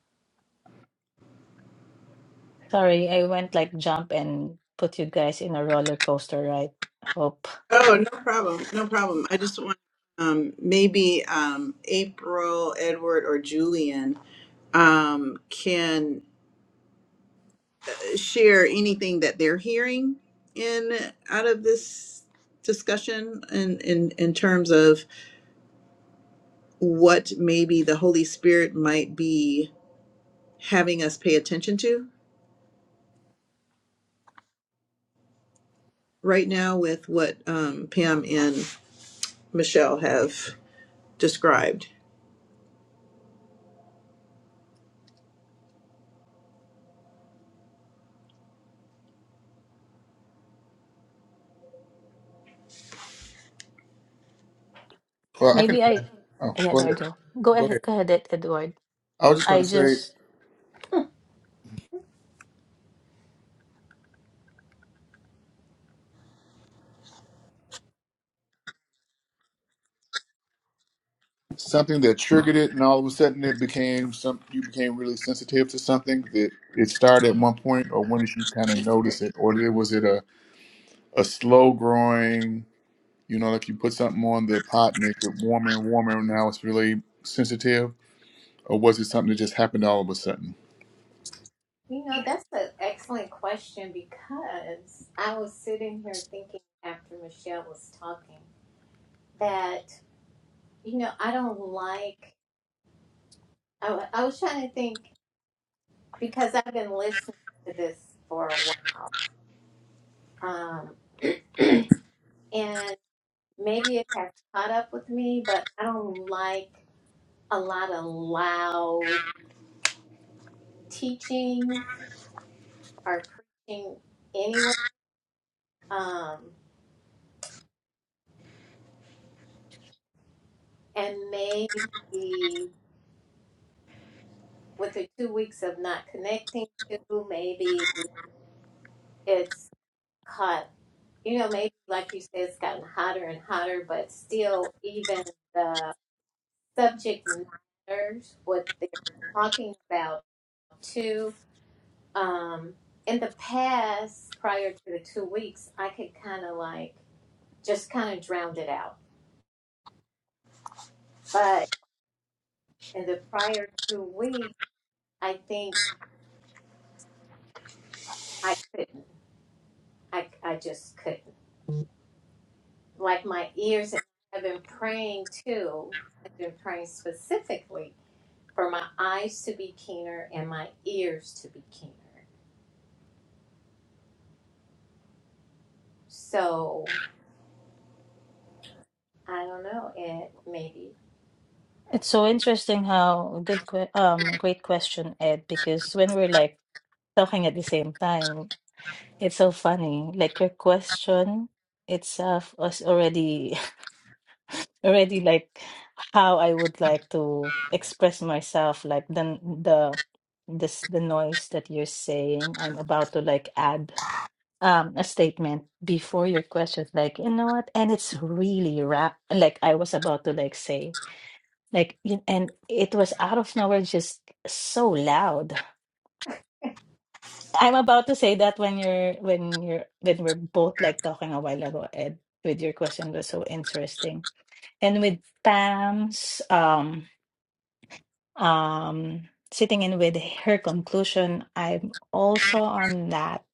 Speaker 4: Sorry, I went like jump and put you guys in a roller coaster ride. Hope.
Speaker 1: Oh, no problem. No problem. I just want um, maybe um, April, Edward, or Julian um, can share anything that they're hearing in out of this discussion and in, in, in terms of what maybe the Holy Spirit might be having us pay attention to right now with what um, Pam and Michelle have described.
Speaker 5: Well, I can.
Speaker 4: Maybe I
Speaker 5: Oh,
Speaker 4: yeah,
Speaker 5: go
Speaker 4: there
Speaker 5: ahead.
Speaker 4: you go. Go
Speaker 5: Go ahead.
Speaker 4: ahead go ahead, Ed- Edward.
Speaker 5: I was just going
Speaker 4: I
Speaker 5: to say
Speaker 4: just
Speaker 5: something that triggered it, and all of a sudden it became some. You became really sensitive to something that it started at one point, or when did you kind of notice it, or did- was it a a slow growing? You know, like you put something on the pot and it get warmer and warmer, and now it's really sensitive or was it something that just happened all of a sudden?
Speaker 2: You know, that's an excellent question because I was sitting here thinking after Michelle was talking that, you know, I don't like, I, wa- I was trying to think because I've been listening to this for a while. Um, and maybe it has caught up with me, but I don't like a lot of loud teaching or preaching anyway. Um, and maybe. with the two weeks of not connecting to, maybe it's caught, you know, maybe like you said, it's gotten hotter and hotter, but still, even the subject matters, what they're talking about, too. Um, in the past, prior to the two weeks, I could kind of like just kind of drowned it out. But in the prior two weeks, I think I couldn't. I, I just couldn't. like my ears, and I've been praying too. I've been praying specifically for my eyes to be keener and my ears to be keener. So I don't know. It maybe.
Speaker 4: it's so interesting how good que um great question, Ed, because when we're like talking at the same time, it's so funny. Like your question itself was already already like how I would like to express myself, like the the this the noise that you're saying. I'm about to like add um a statement before your question, like, you know what? And it's really rap like I was about to like say. Like, you- and it was out of nowhere, just so loud. I'm about to say that when you're when you're when we're both like talking a while ago, Ed, with your question was so interesting. And with Pam's um um sitting in with her conclusion, I'm also on that.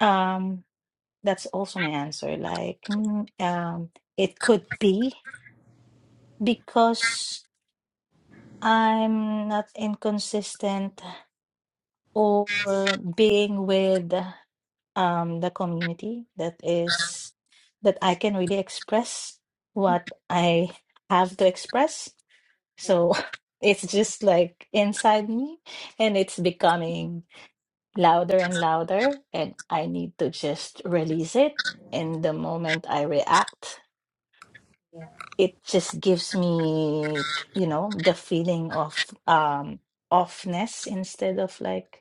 Speaker 4: Um, that's also my answer. Like, mm, um, it could be because I'm not inconsistent or being with um, the community that is that I can really express what I have to express. So it's just like inside me and it's becoming louder and louder and I need to just release it. And the moment I react,
Speaker 2: Yeah,
Speaker 4: it just gives me, you know, the feeling of um offness instead of like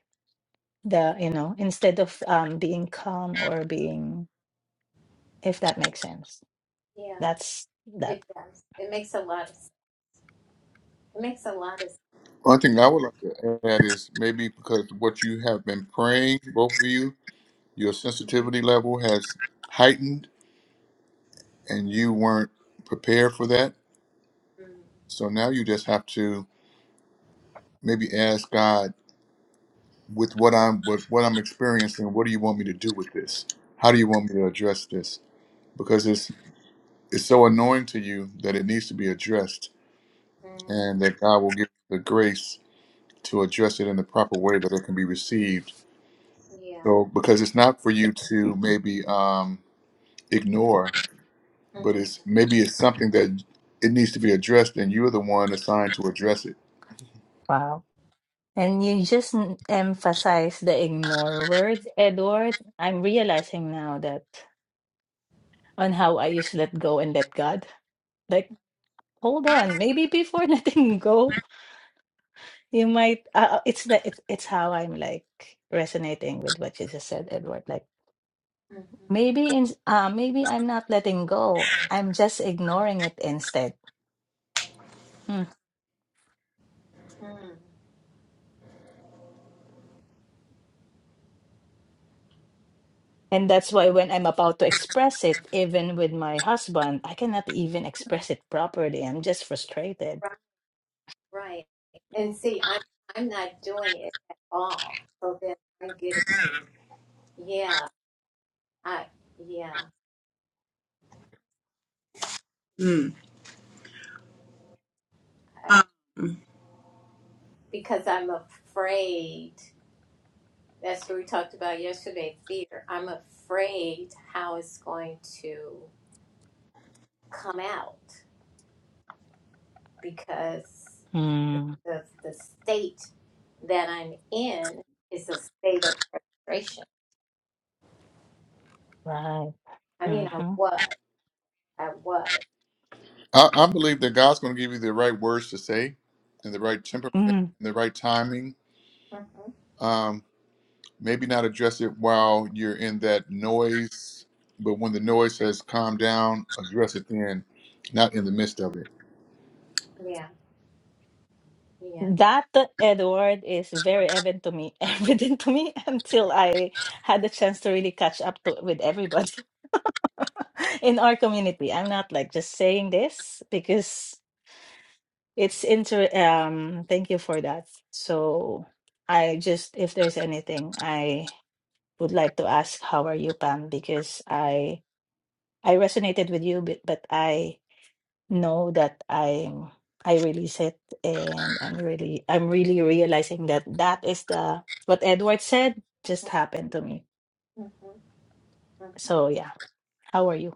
Speaker 4: the you know instead of um being calm or being if that makes sense
Speaker 2: yeah,
Speaker 4: that's that
Speaker 2: it does. It makes a lot of. s- It makes a lot of. s-
Speaker 5: One thing I would like to add is maybe because what you have been praying, both of you, your
Speaker 2: Mhm.
Speaker 5: sensitivity level has heightened and you weren't prepared for that.
Speaker 2: mm
Speaker 5: So now you just have to maybe ask God with what I'm with what I'm experiencing, what do you want me to do with this? How do you want me to address this? Because it's it's so annoying to you that it needs to be addressed
Speaker 2: Mm.
Speaker 5: and that God will give the grace to address it in the proper way that it can be received
Speaker 2: Yeah.
Speaker 5: So because it's not for you to maybe um, ignore, but
Speaker 2: Mm-hmm.
Speaker 5: it's maybe it's something that it needs to be addressed, and you're the one assigned to address it.
Speaker 4: wow and you just n- emphasize the ignore word edward i'm realizing now that on how i used to let go and let god like hold on maybe before letting go you might uh, uh, it's the it's, it's how i'm like resonating with what you just said edward like
Speaker 2: Mm-hmm.
Speaker 4: maybe in uh maybe i'm not letting go i'm just ignoring it instead
Speaker 2: Mm.
Speaker 4: And that's why when I'm about to express it, even with my husband, I cannot even express it properly. I'm just frustrated.
Speaker 2: Right. Right. And see, I'm I'm not doing it at all. So then I'm getting. Yeah. I. Yeah.
Speaker 1: Mm.
Speaker 2: because I'm afraid. That's what we talked about yesterday fear. I'm afraid how it's going to come out because
Speaker 4: Hmm.
Speaker 2: the, the state that I'm in is a state of frustration.
Speaker 4: right.
Speaker 2: I mean, I
Speaker 4: Mm-hmm.
Speaker 2: was. I was.
Speaker 5: I, I believe that God's going to give you the right words to say, and the right temperament, and
Speaker 4: Mm.
Speaker 5: the right timing.
Speaker 2: hmm
Speaker 5: Um, maybe not address it while you're in that noise, but when the noise has calmed down, address it then, not in the midst of it.
Speaker 2: Yeah. Yeah.
Speaker 4: That uh, Edward is very evident to me, evident to me until I had the chance to really catch up to with everybody. in our community. I'm not like just saying this because it's inter um thank you for that. So I just if there's anything I would like to ask how are you Pam because I I resonated with you but, but I know that I'm I release it and I'm really I'm really realizing that that is the what Edward said just happened to me.
Speaker 2: hmm hmm
Speaker 4: So yeah, how are you?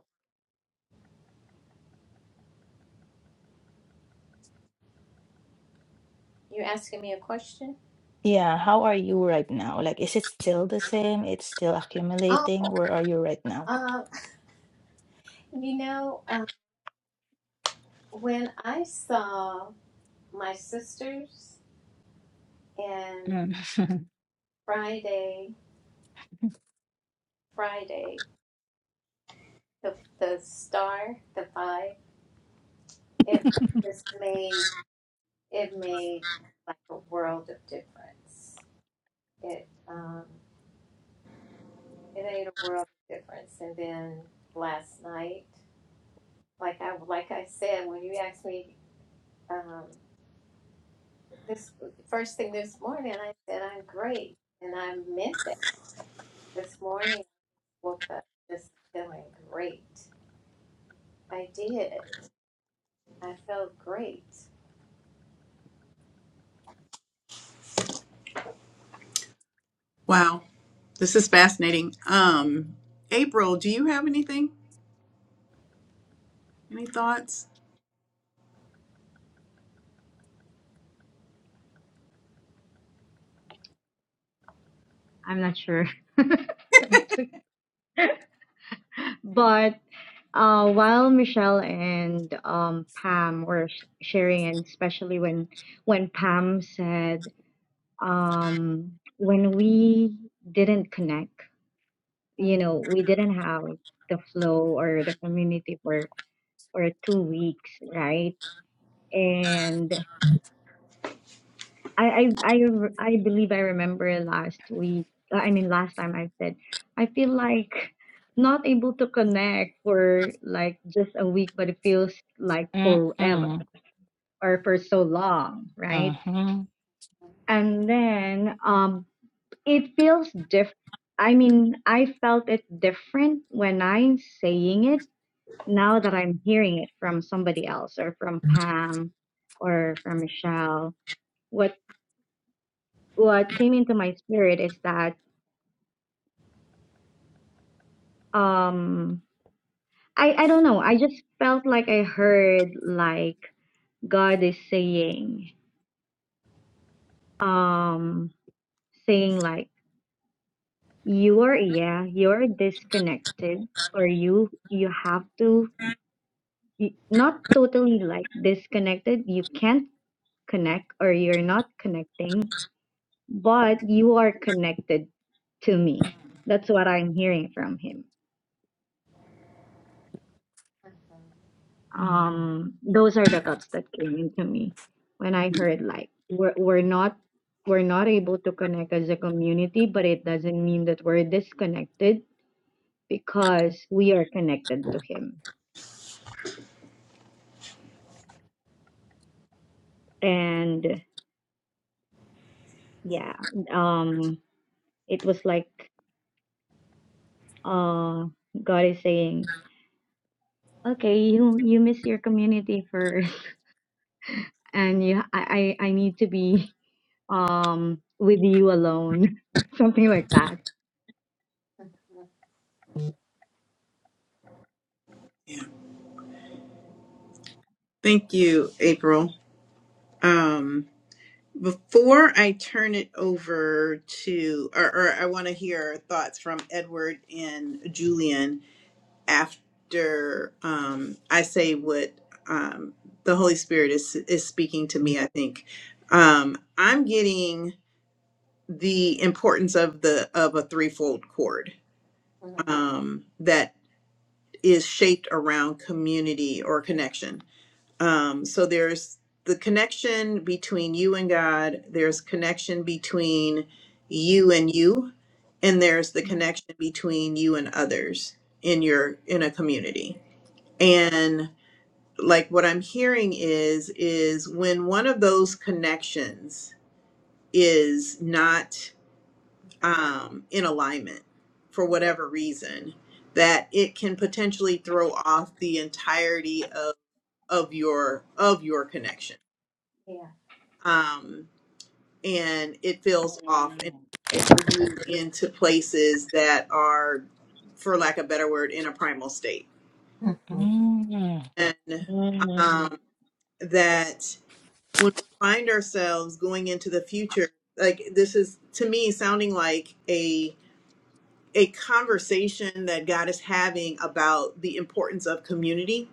Speaker 2: You're asking me a question?
Speaker 4: Yeah, how are you right now? Like, is it still the same? It's still accumulating?
Speaker 2: Oh,
Speaker 4: Where are you right now?
Speaker 2: uh, you know, uh, when I saw my sisters, and.
Speaker 4: Mm.
Speaker 2: Friday, Friday, the the star, the vibe, it just made it made like a world of difference. It um it made a world of difference. And then last night, like I like I said, when you asked me um this first thing this morning, I said I'm great, and I meant that. This morning, I woke up just feeling great. I did. I felt great.
Speaker 1: Wow, this is fascinating. Um, April, do you have anything? Any thoughts?
Speaker 3: I'm not sure. but uh, while Michelle and um, Pam were sh- sharing, and especially when when Pam said, um, when we didn't connect, you know, we didn't have the flow or the community for for two weeks, right? And I I I, re- I believe I remember last week. uh, I mean, last time I said I feel like not able to connect for like just a week, but it feels like
Speaker 4: Mm,
Speaker 3: forever
Speaker 4: mm,
Speaker 3: or for so long, right?
Speaker 4: mhm,
Speaker 3: And then um, it feels diff. I mean, I felt it different when I'm saying it now that I'm hearing it from somebody else or from Pam or from Michelle, what what came into my spirit is that um I, I don't know, I just felt like I heard like God is saying, um saying like you are yeah, you're disconnected or you you have to y- not totally like disconnected. You can't connect or you're not connecting but you are connected to me. That's what I'm hearing from him.
Speaker 4: mm,
Speaker 3: Um, those are the thoughts that came into me when I heard like we're we're not we're not able to connect as a community, but it doesn't mean that we're disconnected because we are connected to him. And yeah, um, it was like uh, God is saying, okay, you you miss your community first, and you I I, I need to be um with you alone something like that
Speaker 1: Yeah. Thank you, April. Um, before I turn it over to, or, or I want to hear thoughts from Edward and Julian after um, I say what um, the Holy Spirit is is speaking to me. I think um, I'm getting the importance of the of a threefold cord. Um, that is shaped around community or connection. Um, so there's the connection between you and God, there's connection between you and you, and there's the connection between you and others in your in a community. And like what I'm hearing is is when one of those connections is not um, in alignment for whatever reason, that it can potentially throw off the entirety of of your of your connection,
Speaker 2: Yeah.
Speaker 1: um, and it feels off and throws you into places that are, for lack of a better word, in a primal state,
Speaker 2: Hmm. Hmm. Hmm. Yeah.
Speaker 4: mm,
Speaker 1: and
Speaker 3: Mm,
Speaker 1: um, that when we find ourselves going into the future, like this is to me sounding like a a conversation that God is having about the importance of community.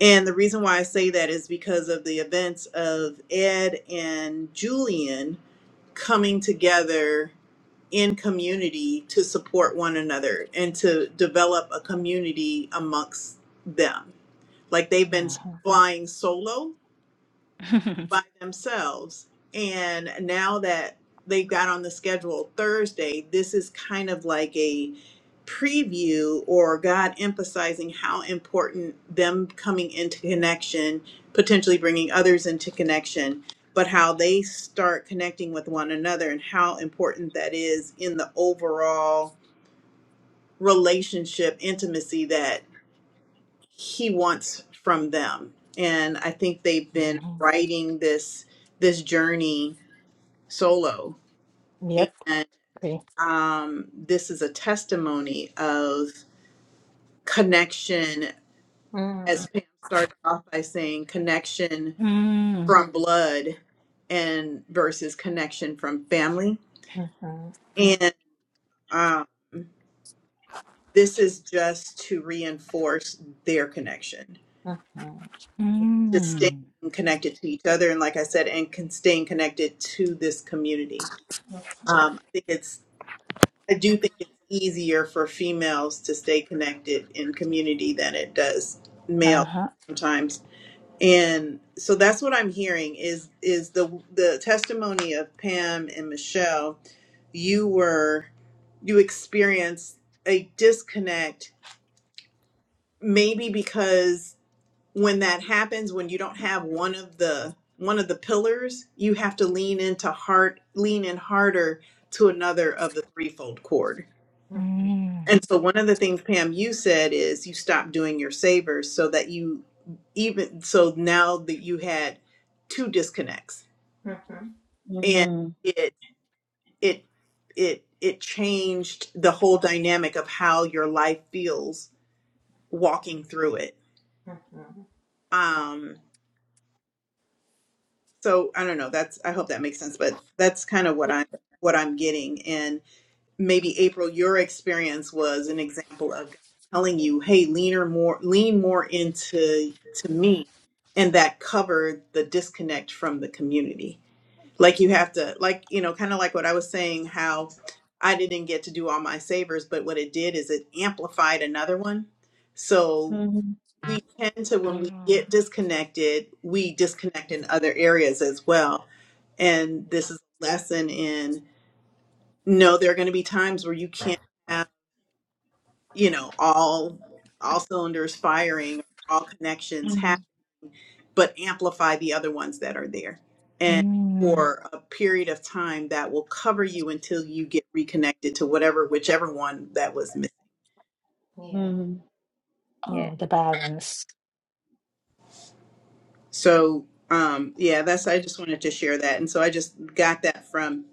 Speaker 1: And the reason why I say that is because of the events of Ed and Julian coming together in community to support one another and to develop a community amongst them. Like they've been
Speaker 4: mhm,
Speaker 1: flying solo by themselves. And now that they've got on the schedule Thursday, this is kind of like a preview or God emphasizing how important them coming into connection, potentially bringing others into connection, but how they start connecting with one another and how important that is in the overall relationship intimacy that he wants from them and i think they've been
Speaker 4: mhm,
Speaker 1: writing this this journey solo and
Speaker 4: Yep, okay.
Speaker 1: um this is a testimony of connection
Speaker 2: Hmm.
Speaker 1: as pam started off by saying connection
Speaker 4: mm,
Speaker 1: from blood and versus connection from family
Speaker 3: mm,
Speaker 1: and um this is just to reinforce their connection to staying
Speaker 4: mm,
Speaker 1: connected to each other and like i said and con- staying connected to this community Um, I think it's, I do think it's easier for females to stay connected in community than it does males
Speaker 4: Uh-huh.
Speaker 1: sometimes. And so that's what I'm hearing is is the the testimony of Pam and Michelle. You were you experienced a disconnect, maybe because when that happens, when you don't have one of the one of the pillars, you have to lean into hard lean in harder to another of the threefold cord
Speaker 4: Mm.
Speaker 1: And so one of the things Pam you said is you stopped doing your savers so that you even so now that you had two disconnects and
Speaker 3: mm,
Speaker 1: it it it it changed the whole dynamic of how your life feels walking through it. Um so I don't know that's I hope that makes sense but that's kind of what I am what I'm getting maybe April, your experience was an example of God telling you, "Hey, leaner more, lean more into to me," and that covered the disconnect from the community. Like you have to, like you know, kind of like what I was saying, how I didn't get to do all my savers, but what it did is it amplified another one. So
Speaker 3: mm,
Speaker 1: we tend to, when we
Speaker 4: mm,
Speaker 1: get disconnected, we disconnect in other areas as well. And this is a lesson in no, there are going to be times where you can't you know all all cylinders firing all connections
Speaker 3: mm,
Speaker 1: happening, but amplify the other ones that are there and
Speaker 4: mm.
Speaker 1: for a period of time that will cover you until you get reconnected to whatever whichever one that was missing
Speaker 3: mm. Yeah.
Speaker 4: Oh, the balance.
Speaker 1: so um yeah that's i just wanted to share that and so i just got that from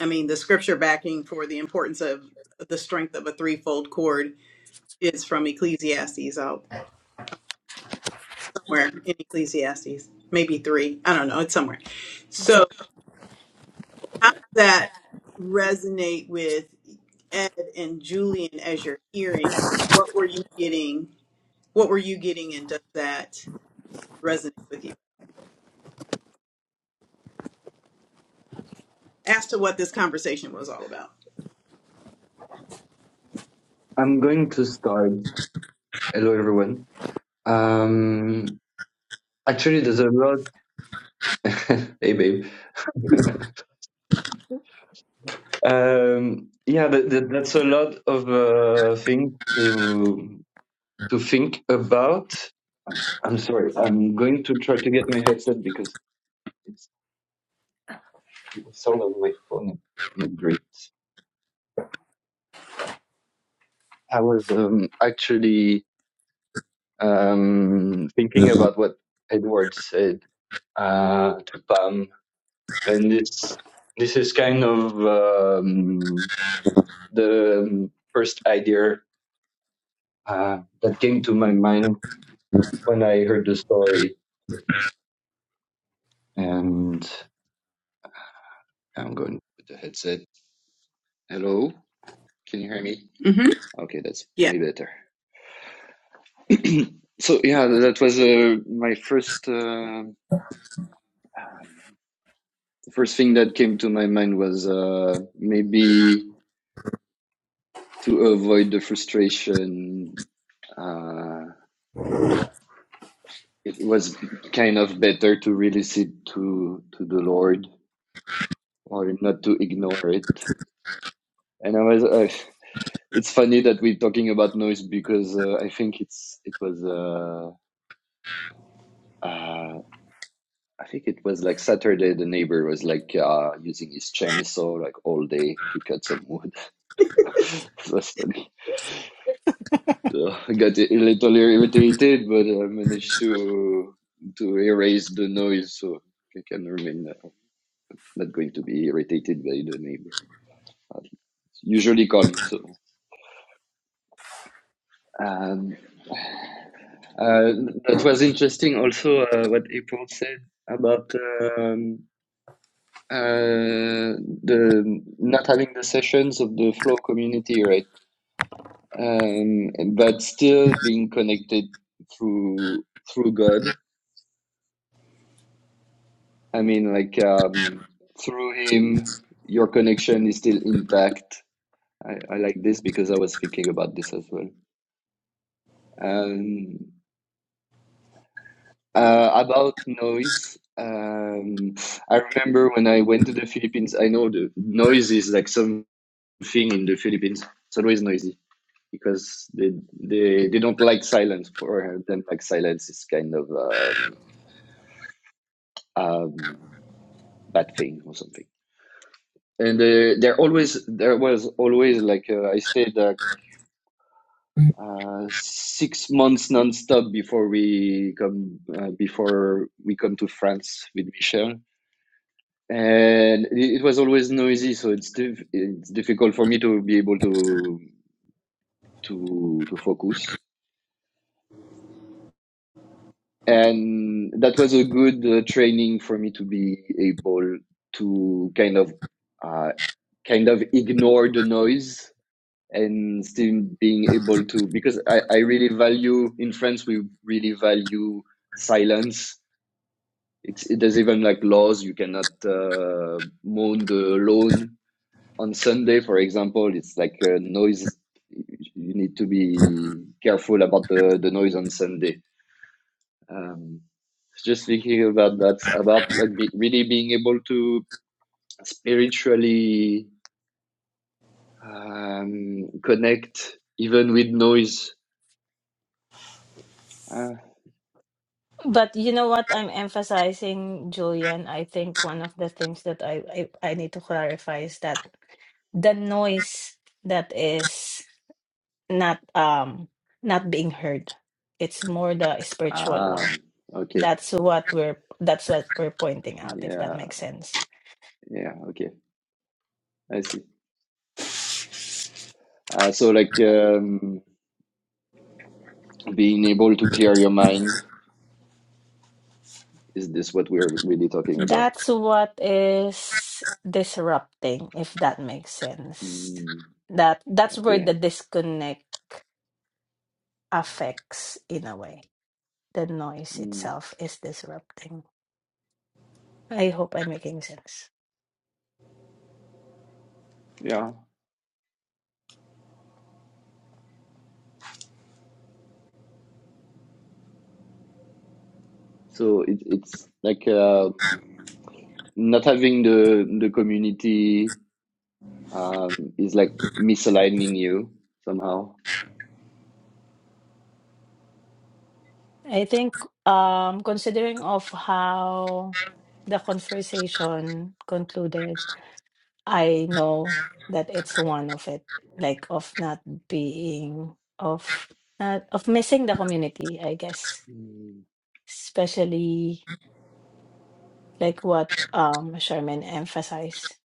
Speaker 1: i mean the scripture backing for the importance of the strength of a threefold cord is from ecclesiastes I'll somewhere in Ecclesiastes, maybe three. I don't know. It's somewhere. So, how does that resonate with Ed and Julian as you're hearing? What were you getting? What were you getting, and does that resonate with you as to what this conversation was all about?
Speaker 6: I'm going to start. Hello, everyone. Um, actually, there's a lot. hey, babe. um, yeah, that, that, that's a lot of uh, things to to think about. I'm, s- I'm sorry. I'm going to try to get my headset because it's the sound of my phone is not great. I was um, actually um, thinking about what Edward said uh, to Pam and it's this is kind of um, the first idea uh, that came to my mind when I heard the story. And I'm going with the headset. Hello, can you hear me?
Speaker 1: Mm-hmm.
Speaker 6: Okay, that's
Speaker 1: Yeah.
Speaker 6: way better. so yeah, that was uh, my first. Uh, um, the first thing that came to my mind was uh, maybe to avoid the frustration. Uh, it was kind of better to release it to to the Lord or not to ignore it. And I was, uh, it's funny that we're talking about noise because uh, I think it's it was uh, uh I think it was like Saturday the neighbor was like uh using his chainsaw like all day to cut some wood. It was funny. Yeah, I got a little irritated, but I managed to to erase the noise so it can remain there. not going to be irritated by the neighbor. Uh, It's usually calm. So um, uh, that was interesting. Also, uh, what April said about um, uh, the not having the sessions of the flow community, right? Um, but still being connected through through God. I mean, like um, through Him, your connection is still intact. I, I like this because I was thinking about this as well. Um, Uh, about noise, um, I remember when I went to the Philippines. I know the noise is like something in the Philippines. It's always noisy because they they, they don't like silence. For them, like silence is kind of um, um, bad thing or something. And uh, there always there was always like uh, I stayed like uh, six months nonstop before we come uh, before we come to France with Michel and it was always noisy, so it's diff- it's difficult for me to be able to to to focus. And that was a good uh, training for me to be able to kind of uh, kind of ignore the noise and still being able to because I, I really value in France we really value silence. It's it, there's even like laws you cannot uh, mow the lawn on Sunday, for example, it's like a noise. You need to be careful about the, the noise on Sunday. Um, just thinking about that, about like be, really being able to spiritually um, connect even with noise. Uh,
Speaker 4: But you know what I'm emphasizing, Julian? I think one of the things that I, I, I need to clarify is that the noise that is not um not being heard it's more the spiritual
Speaker 6: ah,
Speaker 4: one
Speaker 6: okay,
Speaker 4: that's what we're that's what we're pointing out if that
Speaker 6: yeah,
Speaker 4: makes sense
Speaker 6: yeah, okay, I see. Uh, so like um, being able to clear your mind is this what we're really talking about?
Speaker 4: that's what is disrupting if that makes sense
Speaker 6: Mm,
Speaker 4: that that's where the
Speaker 6: okay.
Speaker 4: disconnect affects in a way the noise
Speaker 6: Mm,
Speaker 4: itself is disrupting i hope i'm making sense
Speaker 6: yeah. So it, it's like uh, not having the the community um, is like misaligning you somehow.
Speaker 4: I think um considering of how the conversation concluded, I know that it's one of it, like of not being of not of missing the community, I guess.
Speaker 6: Mm,
Speaker 4: Especially like what um Sherman emphasized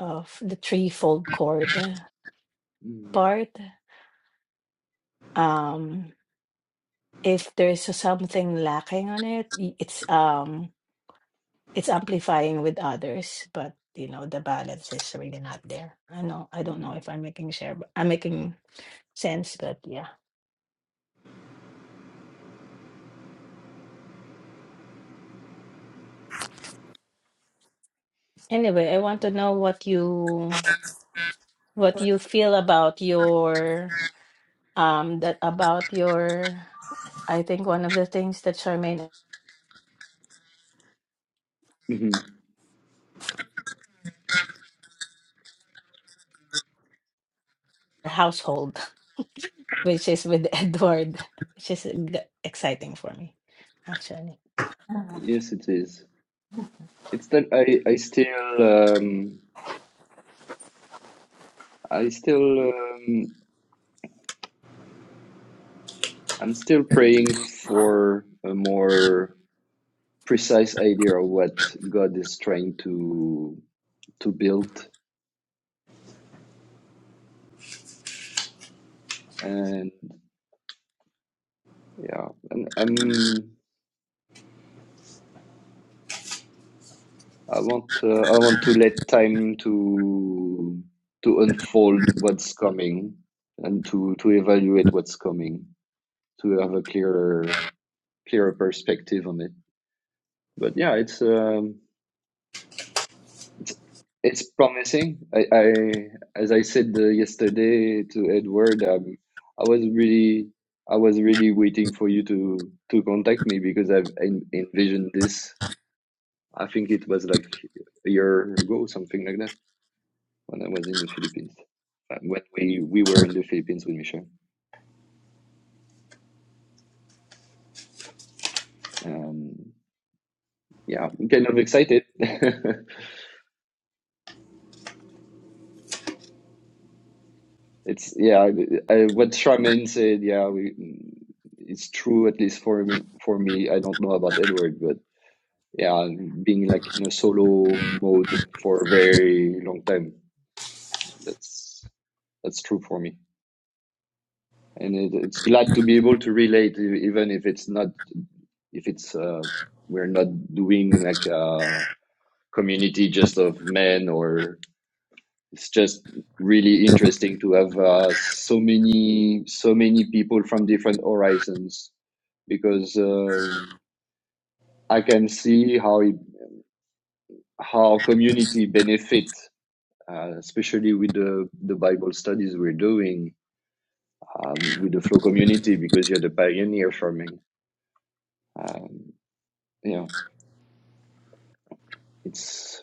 Speaker 4: of the threefold chord
Speaker 6: mm,
Speaker 4: part. Um if there's something lacking on it, y- it's um it's amplifying with others, but you know, the balance is really not there. I know I don't
Speaker 6: mm.
Speaker 4: know if I'm making share but I'm making sense, but yeah. Anyway, I want to know what you what you feel about your um that about your I think one of the things that Charmaine
Speaker 6: Mhm.
Speaker 4: household, which is with Edward, which is g- exciting for me, actually.
Speaker 6: Yes, it is. It's that I I still um, I still um, I'm still praying for a more precise idea of what God is trying to to build and yeah and I'm I want uh, I want to let time to to unfold what's coming and to to evaluate what's coming to have a clearer clearer perspective on it. But yeah, it's um, it's it's promising. I, I as I said uh, yesterday to Edward, um, I was really I was really waiting for you to to contact me because I've en- envisioned this. I think it was like a year ago, something like that. when I was in the Philippines, uh, when we, we were in the Philippines with Michel. Um, yeah, I'm kind of excited. It's, yeah, I, what Charmaine said, yeah, we, it's true, at least for, for me. I don't know about Edward, but yeah, being like in a solo mode for a very long time, that's, that's true for me. And it, it's glad to be able to relate, e- even if it's not, if it's, uh, we're not doing like, uh, community just of men or it's just really interesting to have uh, so many so many people from different horizons because um I can see how it, how community benefit uh, especially with the, the Bible studies we're doing um, with the flow community because you're the pioneer for me um, yeah it's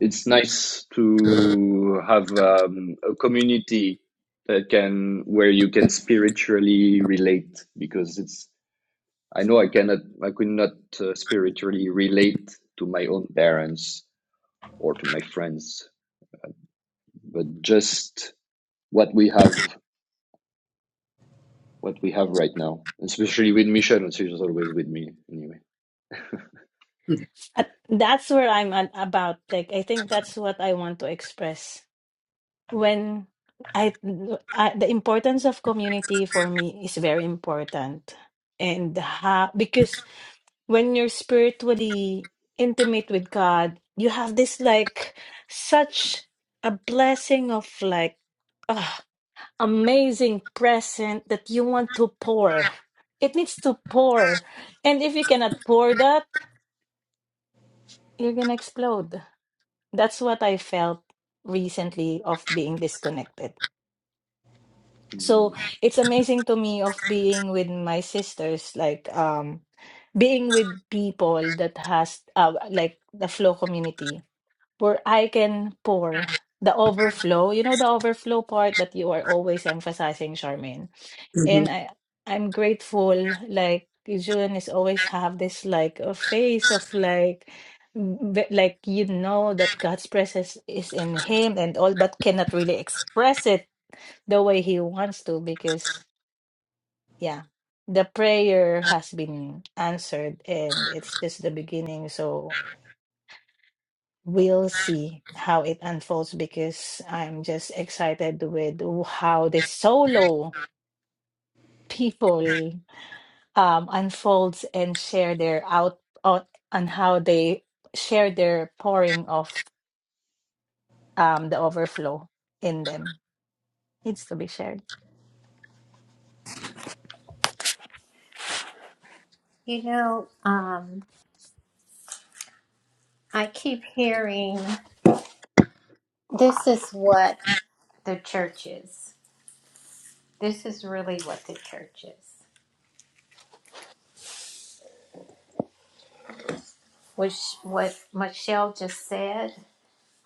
Speaker 6: it's nice to have um, a community that can where you can spiritually relate because it's i know i cannot i could not uh, spiritually relate to my own parents or to my friends but just what we have what we have right now especially with michelle and she's always with me anyway
Speaker 4: Uh, That's where I'm at about. Like, I think that's what I want to express when I, I the importance of community for me is very important and ha, because when you're spiritually intimate with God you have this like such a blessing of like ah, amazing present that you want to pour it needs to pour and if you cannot pour that you're gonna explode that's what I felt recently of being disconnected
Speaker 6: Mm.
Speaker 4: so it's amazing to me of being with my sisters like um being with people that has uh, like the flow community where i can pour the overflow you know the overflow part that you are always emphasizing charmaine
Speaker 1: Mm-hmm.
Speaker 4: and i i'm grateful like June is always have this like a face of like v- like you know that God's presence is in him and all but cannot really express it the way he wants to because yeah the prayer has been answered and it's just the beginning so we'll see how it unfolds because i'm just excited with how the solo people um unfolds and share their out on, on how they share their pouring of um the overflow in them needs to be shared
Speaker 2: You know, um, I keep hearing this is what the church is. This is really what the church is. Which what Michelle just said,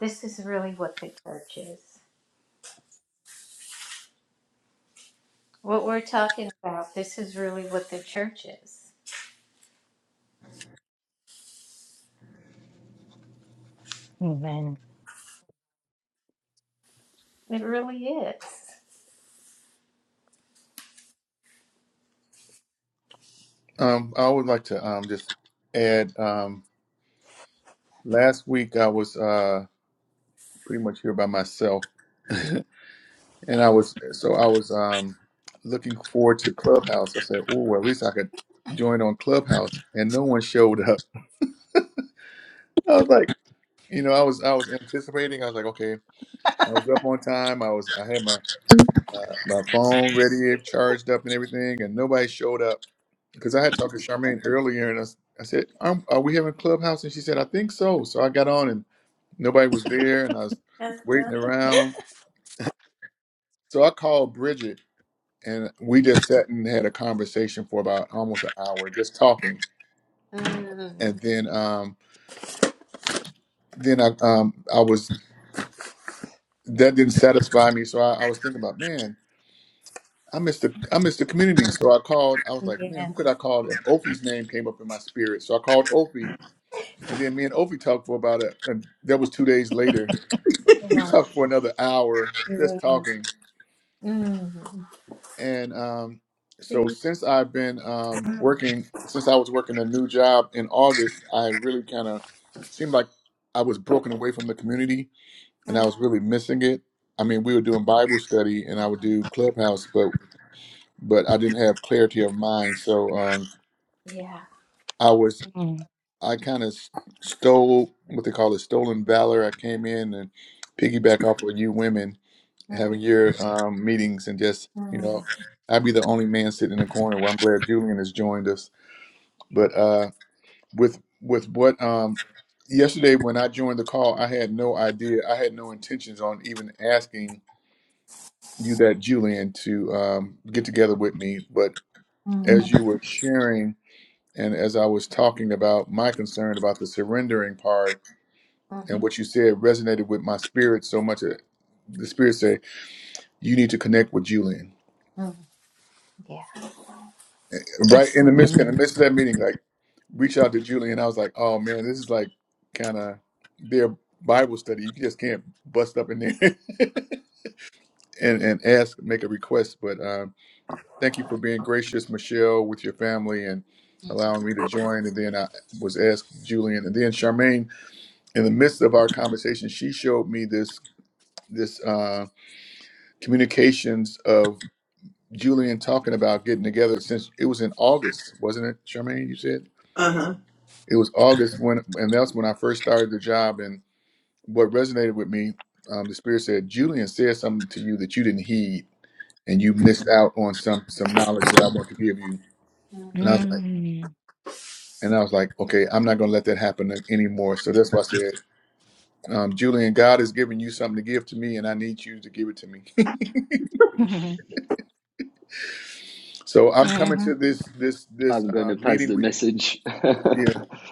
Speaker 2: this is really what the church is. What we're talking about, this is really what the church is.
Speaker 4: amen
Speaker 2: It really is.
Speaker 5: Um, I would like to um, just add um, last week I was uh, pretty much here by myself. And I was so I was um looking forward to Clubhouse. I said, "Oh, at least I could join on Clubhouse." And no one showed up. I was like, you know, I was I was anticipating. I was like, okay, I was up on time. I was I had my uh, my phone ready, charged up, and everything, and nobody showed up because I had talked to Charmaine earlier, and I, s- I said, um "Are we having Clubhouse?" And she said, "I think so." So I got on, and nobody was there, and I was
Speaker 2: Uh-huh.
Speaker 5: waiting around. So I called Bridget and we just sat and had a conversation for about almost an hour just talking
Speaker 2: Mm.
Speaker 5: and then um then i um i was that didn't satisfy me so i, I was thinking about man i missed the i missed the community so i called i was like man
Speaker 2: Yeah.
Speaker 5: who could i call and ofi's name came up in my spirit so i called ofi and then me and ofi talked for about a and that was two days later we
Speaker 2: Wow.
Speaker 5: talked for another hour just
Speaker 2: Yeah.
Speaker 5: talking
Speaker 2: Mm.
Speaker 5: and um, so
Speaker 2: See?
Speaker 5: since I've been um,
Speaker 2: Mm.
Speaker 5: working, since I was working a new job in August, I really kind of seemed like I was broken away from the community, and I
Speaker 2: Mm.
Speaker 5: was really missing it. I mean, we were doing Bible study, and I would do Clubhouse, but but I didn't have clarity of mind, so um,
Speaker 2: Yeah.
Speaker 5: I was
Speaker 4: Mm.
Speaker 5: I kind of stole what they call it stolen valor. I came in and piggyback off of you women
Speaker 2: Mm.
Speaker 5: having your um, meetings and just you
Speaker 2: Mm.
Speaker 5: know i'd be the only man sitting in the corner well i'm glad julian has joined us but uh with with what um yesterday when i joined the call i had no idea i had no intentions on even asking you that julian to um, get together with me but
Speaker 2: Mm.
Speaker 5: as you were sharing and as i was talking about my concern about the surrendering part
Speaker 2: Mm.
Speaker 5: and what you said resonated with my spirit so much that the spirit said you need to connect with julian
Speaker 2: Mm. Yeah.
Speaker 5: right
Speaker 4: it's
Speaker 5: in the midst in the
Speaker 4: mm,
Speaker 5: midst of that meeting, like reach out to Julie and I was like, oh man, this is like kind of their Bible study. You just can't bust up in there and and ask, make a request. But um, thank you for being gracious, Michelle, with your family and allowing me to join. And then I was asked Julian and then Charmaine. In the midst of our conversation, she showed me this this uh, communications of Julian talking about getting together since it was in August, wasn't it, Charmaine? You said.
Speaker 1: Uh huh.
Speaker 5: it was August when, and that's when I first started the job. And what resonated with me, um, the spirit said, Julian said something to you that you didn't heed, and you missed out on some some knowledge that I want to give you.
Speaker 2: Mm.
Speaker 5: And I was like,
Speaker 4: mm.
Speaker 5: and I was like, okay, I'm not going to let that happen anymore. So that's why I said, um, Julian, God has given you something to give to me, and I need you to give it to me. so I'm coming
Speaker 4: Mm-hmm.
Speaker 5: to this this this
Speaker 6: i'm
Speaker 5: um,
Speaker 6: gonna pass the
Speaker 5: meeting.
Speaker 6: message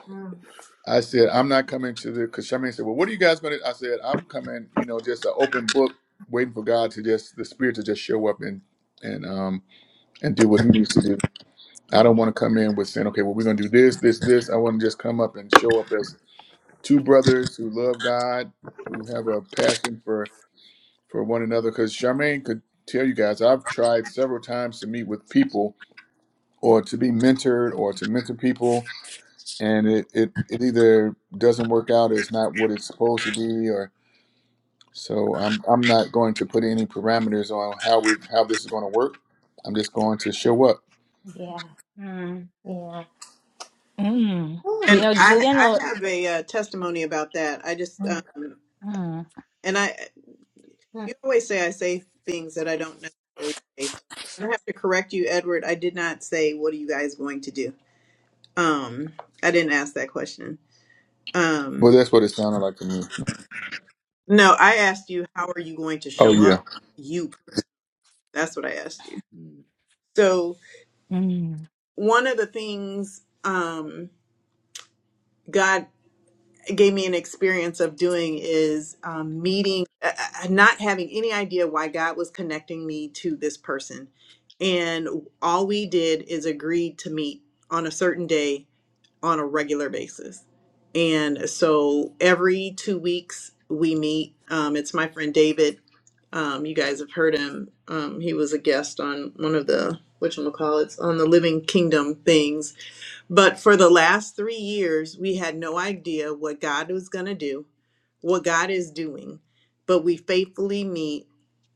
Speaker 2: Mm. Mm.
Speaker 5: I said, I'm not coming to the, because Charmaine said, well, what are you guys going to, I said, I'm coming, you know, just an open book, waiting for God to just, the Spirit to just show up and, and, um, and do what He needs to do. I
Speaker 2: Yeah.
Speaker 5: don't want to come in with saying, okay, well, we're going to do this, this, this. I want to just come up and show up as two brothers who love God, who have a passion for, for one another. Because Charmaine could tell you guys, I've tried several times to meet with people or to be mentored or to mentor people and it, it, it either doesn't work out or it's not what it's supposed to be or so I'm I'm not going to put any parameters on how we how this is going to work. I'm just going to show up.
Speaker 2: Yeah.
Speaker 4: Mm.
Speaker 2: Yeah.
Speaker 4: Mm.
Speaker 2: Ooh.
Speaker 4: You
Speaker 1: And
Speaker 4: know,
Speaker 1: I
Speaker 4: Julian or
Speaker 1: I have a uh, testimony about that. I just
Speaker 2: Mm.
Speaker 1: um,
Speaker 4: mm,
Speaker 1: and I
Speaker 2: Mm.
Speaker 1: You always say I say things that I don't necessarily say. So I have to correct you, Edward. I did not say what are you guys going to do. Um, I didn't ask that question.
Speaker 5: Well,
Speaker 1: Um,
Speaker 5: that's what it sounded like to me.
Speaker 1: no, I asked you how are you going to
Speaker 5: Oh
Speaker 1: show
Speaker 5: yeah,
Speaker 1: up. You. That's what I asked you. So
Speaker 4: mm,
Speaker 1: one of the things um, God gave me an experience of doing is um, meeting, uh, uh, not having any idea why God was connecting me to this person. And all we did is agreed to meet on a certain day on a regular basis. And so every two weeks we meet. Um, it's my friend David. Um, you guys have heard him. Um, he was a guest on one of the, whatchamacallits, on the Living Kingdom things but for the last three years, we had no idea what God was going to do, what God is doing. But we faithfully meet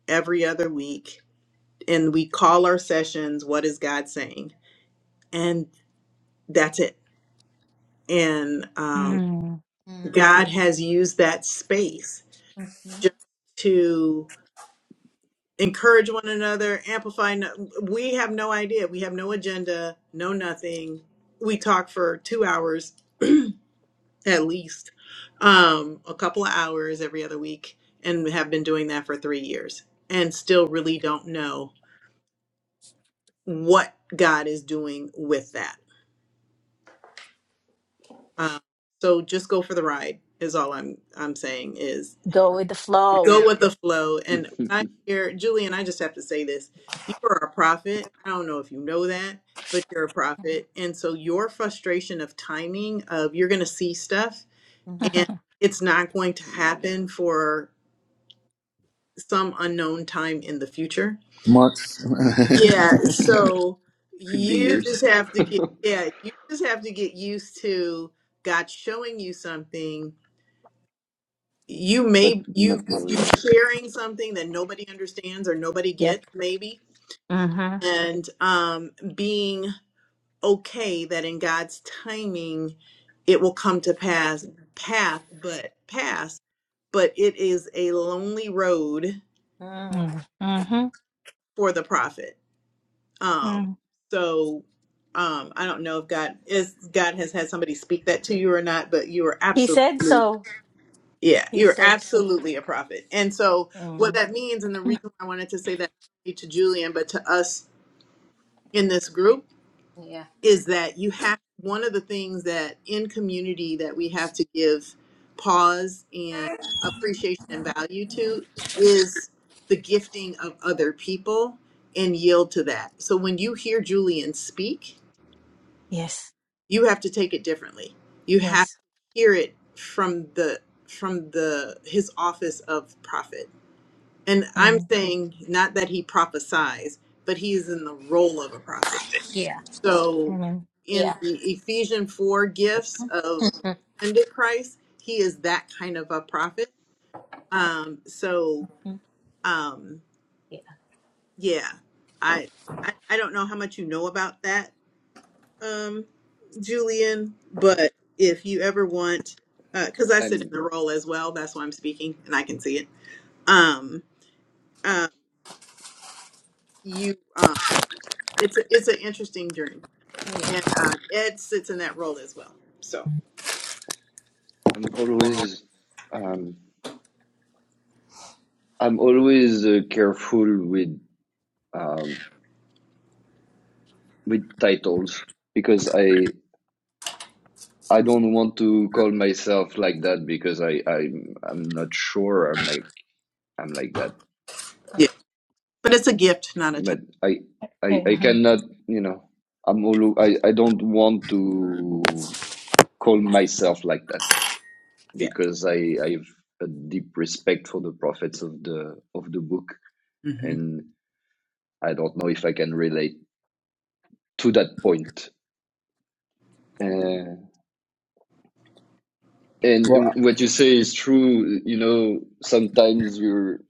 Speaker 1: every other week and we call our sessions, What is God saying? And that's it. And um,
Speaker 4: mm.
Speaker 2: Mm.
Speaker 1: God has used that space
Speaker 2: Mhm.
Speaker 1: just to encourage one another, amplify. No- we have no idea. We have no agenda, no nothing. We talk for two hours at least um, a couple of hours every other week and have been doing that for three years and still really don't know what god is doing with that um, so just go for the ride is all i'm i'm saying is
Speaker 4: go with the
Speaker 1: go
Speaker 4: flow.
Speaker 1: with the flow and when i hear julian i just have to say this you are a prophet i don't know if you know that but you're a prophet and so your frustration of timing of you're going to see stuff
Speaker 2: Mhm.
Speaker 1: and it's not going to
Speaker 6: yeah.
Speaker 1: happen for some unknown time in the future.
Speaker 5: months.
Speaker 1: Yeah, so
Speaker 6: could be
Speaker 1: you
Speaker 6: yours
Speaker 1: just have to get yeah, you just have to get used to God showing you something. You
Speaker 6: but
Speaker 1: may you
Speaker 6: not
Speaker 1: you
Speaker 6: knowing.
Speaker 1: sharing something that nobody understands or nobody
Speaker 4: Yep.
Speaker 1: gets maybe
Speaker 4: Mm-hmm.
Speaker 1: and um being okay that in God's timing it will come to pass path but pass but it is a lonely road
Speaker 2: Mm.
Speaker 4: Mm. Mm-hmm.
Speaker 1: for the prophet Um,
Speaker 4: Mm.
Speaker 1: so um, I don't know if God is God has had somebody speak that to you or not, but you are
Speaker 4: He said
Speaker 1: absolutely
Speaker 4: so.
Speaker 1: yeah,
Speaker 4: He
Speaker 1: you're
Speaker 4: said so.
Speaker 1: absolutely a prophet. And so what
Speaker 4: Mm.
Speaker 1: that means, and the reason I wanted to say that to Julian, but to us in this group,
Speaker 2: Yeah.
Speaker 1: is that you have one of the things that in community that we have to give pause and appreciation and value to is the gifting of other people and yield to that. So when you hear Julian speak,
Speaker 4: Yes.
Speaker 1: you have to take it differently you have to
Speaker 4: Yes.
Speaker 1: hear it from the from the his office of prophet and i'm
Speaker 4: Amen.
Speaker 1: saying not that he prophesies but he is in the role of a prophet
Speaker 2: Yeah.
Speaker 1: so
Speaker 4: Amen.
Speaker 1: in
Speaker 2: Yeah.
Speaker 1: the Ephesians 4 gifts
Speaker 2: Mm.
Speaker 1: of ascended christ he is that kind of a prophet um so
Speaker 2: Mm.
Speaker 1: um
Speaker 2: Yeah.
Speaker 1: yeah i i, I don't know how much you know about that um, Julian, but if you ever want, because I sit in
Speaker 6: I'm
Speaker 1: the role as well, that's why I'm speaking and I can see it. Um, um, you, um, it's a, it's an interesting journey,
Speaker 2: Yeah.
Speaker 1: and um, Ed sits in that role as well. So
Speaker 6: I'm always um, I'm always uh, careful with um, with titles because I I don't want to call myself like that because I I'm I'm not sure I'm like I'm like that.
Speaker 1: yeah, but it's a gift, not a time.
Speaker 6: But I I I
Speaker 4: Amen.
Speaker 6: cannot you know I'm all, I I don't want to call myself like that
Speaker 1: Yeah,
Speaker 6: because I I've a deep respect for the prophets of the of the book
Speaker 1: hmm
Speaker 6: and. I don't know if I can relate to that point. Uh,
Speaker 5: well,
Speaker 6: and what you say is true. You know, sometimes you're,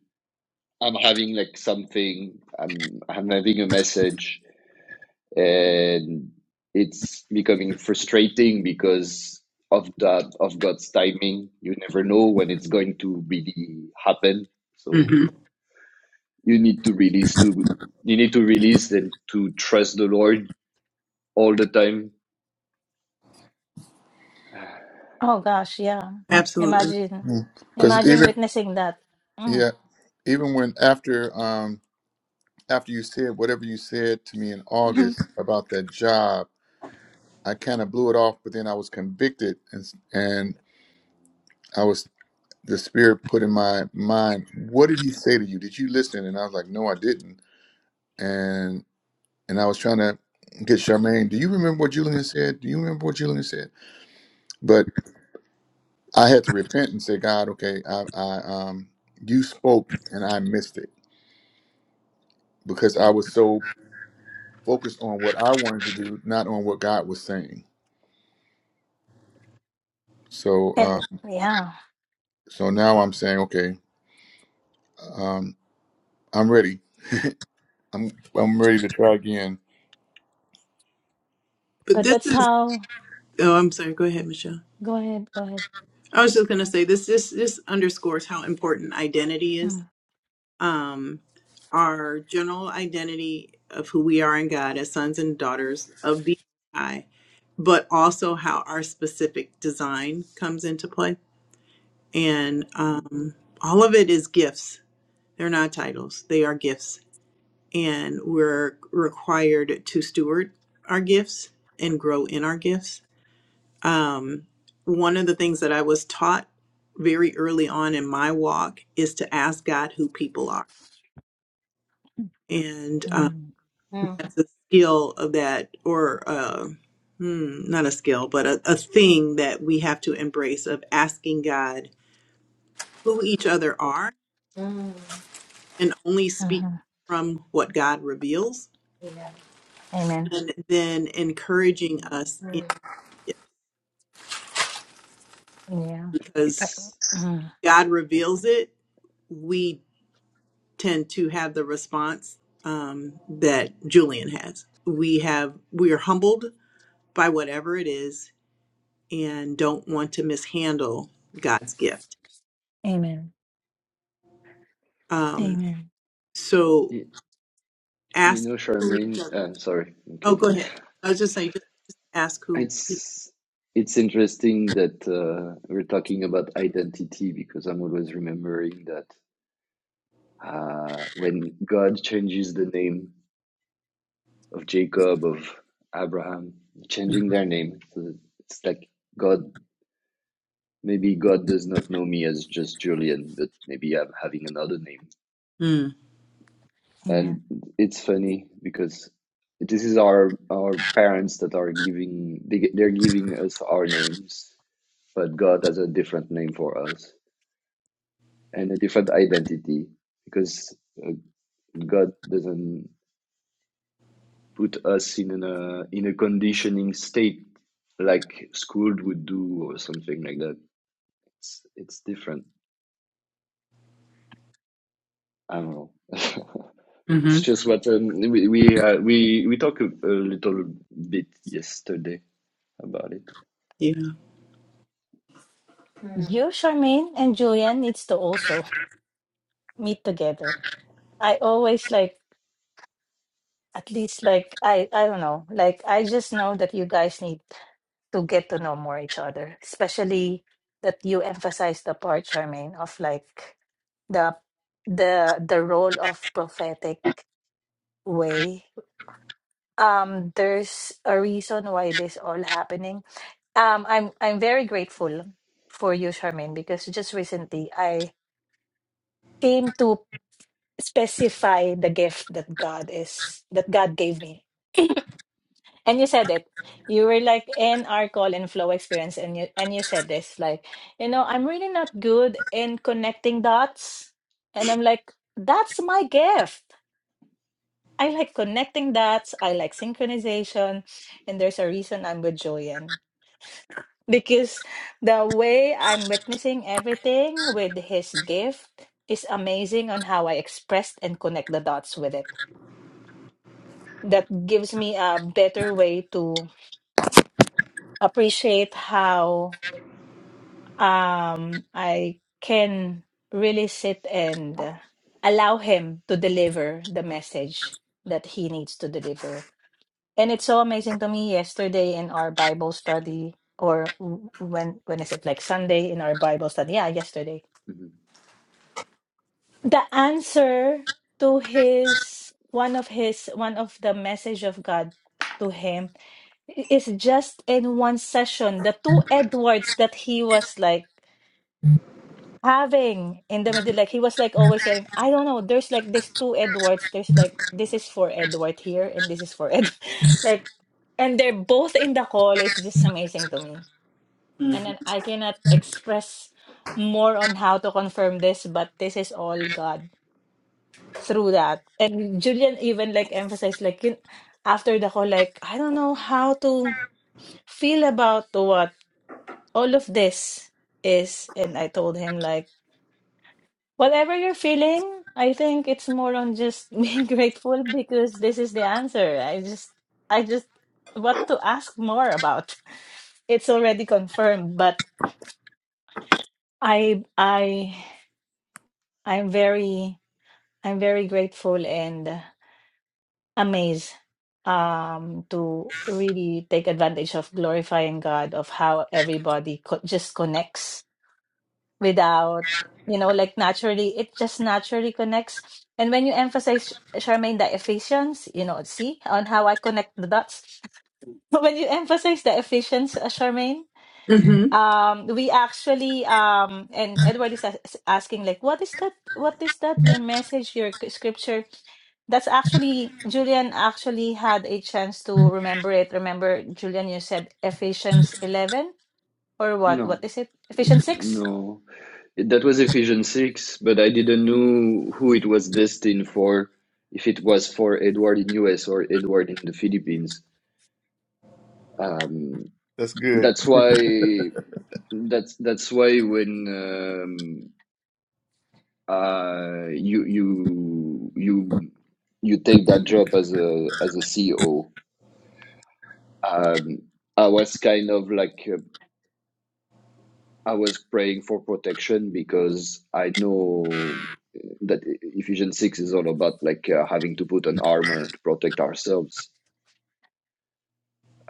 Speaker 6: I'm having like something, I'm, I'm having a message and it's becoming frustrating because of that, of God's timing. You never know when it's going to really happen. So
Speaker 1: hmm
Speaker 6: you need to release to, you need to release and to trust the Lord all the time.
Speaker 4: Oh gosh, yeah.
Speaker 1: absolutely.
Speaker 4: Imagine,
Speaker 5: Because
Speaker 4: imagine
Speaker 5: even
Speaker 4: witnessing that. Mm.
Speaker 5: yeah, even when after um after you said whatever you said to me in
Speaker 4: Mhm.
Speaker 5: August about that job, I kind of blew it off. But then I was convicted, and s- and I was the spirit put in my mind, what did he say to you? Did you listen? And I was like, no, I didn't. And and I was trying to get Charmaine. Do you remember what Julian said? Do you remember what Julian said? I had to repent and say, God, okay, I, I um, you spoke and I missed it because I was so focused on what I wanted to do, not on what God was saying. So, uh,
Speaker 4: And yeah,
Speaker 5: so now I'm saying, okay, um, I'm ready. I'm I'm ready to try again.
Speaker 1: But
Speaker 4: but
Speaker 1: this
Speaker 4: that's
Speaker 1: is.
Speaker 4: how.
Speaker 1: Oh, I'm sorry. Go ahead, Michelle.
Speaker 4: Go ahead. Go ahead.
Speaker 1: I was just gonna say this. This this underscores how important identity is
Speaker 4: Mm.
Speaker 1: um, our general identity of who we are in God as sons and daughters of the High, but also how our specific design comes into play. And
Speaker 6: Mm,
Speaker 1: um, all of it is gifts. They're not titles, they are gifts. And we're required to steward our gifts and grow in our gifts. Um, one of the things that I was taught very early on in my walk is to ask God who people are. And um,
Speaker 4: Mm.
Speaker 2: Mm.
Speaker 1: that's a skill of that or uh, hmm, not a skill but a, a thing that we have to embrace of asking god who each other are
Speaker 2: Mm.
Speaker 1: and only speak
Speaker 4: Mm-hmm.
Speaker 1: from what god reveals
Speaker 2: Yeah.
Speaker 4: Amen.
Speaker 1: and then encouraging
Speaker 6: mm.
Speaker 1: us in
Speaker 2: Mm.
Speaker 1: it
Speaker 4: Yeah. Uh,
Speaker 1: because
Speaker 6: It's,
Speaker 4: uh,
Speaker 1: god reveals it we tend to have the response um, that julian has we have we are humbled by whatever it is and don't want to mishandle god's gift
Speaker 4: amen.
Speaker 1: Um,
Speaker 4: Amen.
Speaker 1: so
Speaker 6: You know,
Speaker 1: ask.
Speaker 6: Charmaine, I'm sorry, I'm
Speaker 1: Oh,
Speaker 6: cutting.
Speaker 1: go ahead. I was just saying, just ask who.
Speaker 6: It's it's interesting that uh, we're talking about identity because I'm always remembering that uh, when God changes the name of Jacob, of Abraham, changing their name, so that it's like God, maybe God does not know me as just Julian, but maybe I'm having another name.
Speaker 1: Mm,
Speaker 4: Amen.
Speaker 6: And it's funny because this is our our parents that are giving they, they're giving us our names but God has a different name for us and a different identity because uh, God doesn't put us in a in a conditioning state like school would do or something like that. It's it's different. I don't know.
Speaker 1: mm-hmm.
Speaker 6: it's just what um, we we uh, we we talked a, a little bit yesterday about it.
Speaker 1: Yeah.
Speaker 2: Mm.
Speaker 4: You, Charmaine, and Julian needs to also meet together. I always like, at least like, I, I don't know, like, I just know that you guys need to get to know more each other, especially that you emphasize the part, Charmaine, of like the, the, the role of prophetic way. Um, there's a reason why this all happening Um, I'm I'm very grateful for you, Charmaine, because just recently I came to specify the gift that God is that God gave me. And you said it. You were like in our call and flow experience and you and you said this, like, you know, I'm really not good in connecting dots. And I'm like, that's my gift. I like connecting dots. I like synchronization. And there's a reason I'm with Joyen because the way I'm witnessing everything with his gift is amazing on how I expressed and connect the dots with it. That gives me a better way to appreciate how um, I can really sit and uh, allow him to deliver the message that he needs to deliver. And it's so amazing to me yesterday in our Bible study, or w- when when is it like Sunday in our Bible study? Yeah, yesterday
Speaker 6: Mhm.
Speaker 4: the answer to his one of his one of the message of God to him is just in one session the two Edwards that he was like having in the middle like he was like always saying I don't know there's like these two Edwards there's like this is for Edward here and this is for Ed like and they're both in the call it's just amazing to me and then I cannot express more on how to confirm this but this is all God through that. And Julian even like emphasized like in, after the call, like I don't know how to feel about what all of this is. And I told him like whatever you're feeling, I think it's more on just being grateful because this is the answer. I just I just what to ask more about. It's already confirmed, but I I I'm very I'm very grateful and. Amazed, um to really take advantage of glorifying God of how everybody co- just connects without you know like naturally it just naturally connects and when you emphasize Charmaine the Ephesians you know see on how I connect the dots when you emphasize the Ephesians uh, Charmaine
Speaker 1: Mm-hmm.
Speaker 4: um we actually um and Edward is as- asking like what is that what is that your message your scripture that's actually Julian actually had a chance to remember it. Remember, Julian, you said Ephesians 11 or what? What
Speaker 6: No,
Speaker 4: is it? Ephesians 6?
Speaker 6: no. That was Ephesians 6, but I didn't know who it was destined for, if it was for Edward in US or Edward in the Philippines. Um,
Speaker 5: That's good.
Speaker 6: that's why that's that's why when um, uh, you you you you take that job as a as a CEO, um, I was kind of like uh, I was praying for protection because I know. that Ephesians 6 is all about like uh, having to put on armor to protect ourselves.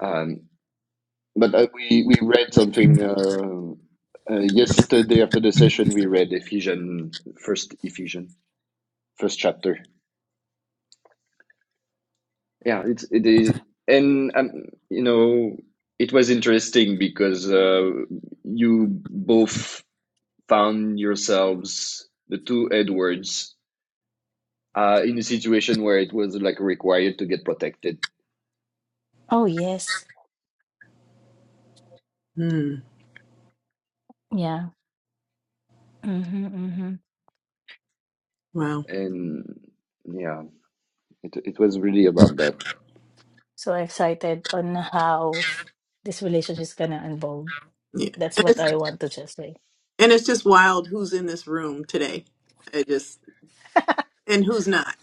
Speaker 6: Um, but uh, we, we read something uh, uh, yesterday after the session, we read Ephesians, first Ephesians, first chapter. Yeah, it's, it is. And, um, you know, it was interesting because uh, you both found yourselves, the two Edwards, uh, in a situation where it was like required to get protected
Speaker 4: Oh, yes.
Speaker 1: Mm.
Speaker 4: Yeah. Mm-hmm, mm-hmm.
Speaker 1: Wow.
Speaker 6: and yeah it it was really about that
Speaker 4: So excited on how this relationship is gonna unfold.
Speaker 1: Yeah.
Speaker 4: That's
Speaker 1: And
Speaker 4: what
Speaker 1: it's,
Speaker 4: I want to just say.
Speaker 1: and it's just wild who's in this room today. I just and who's not.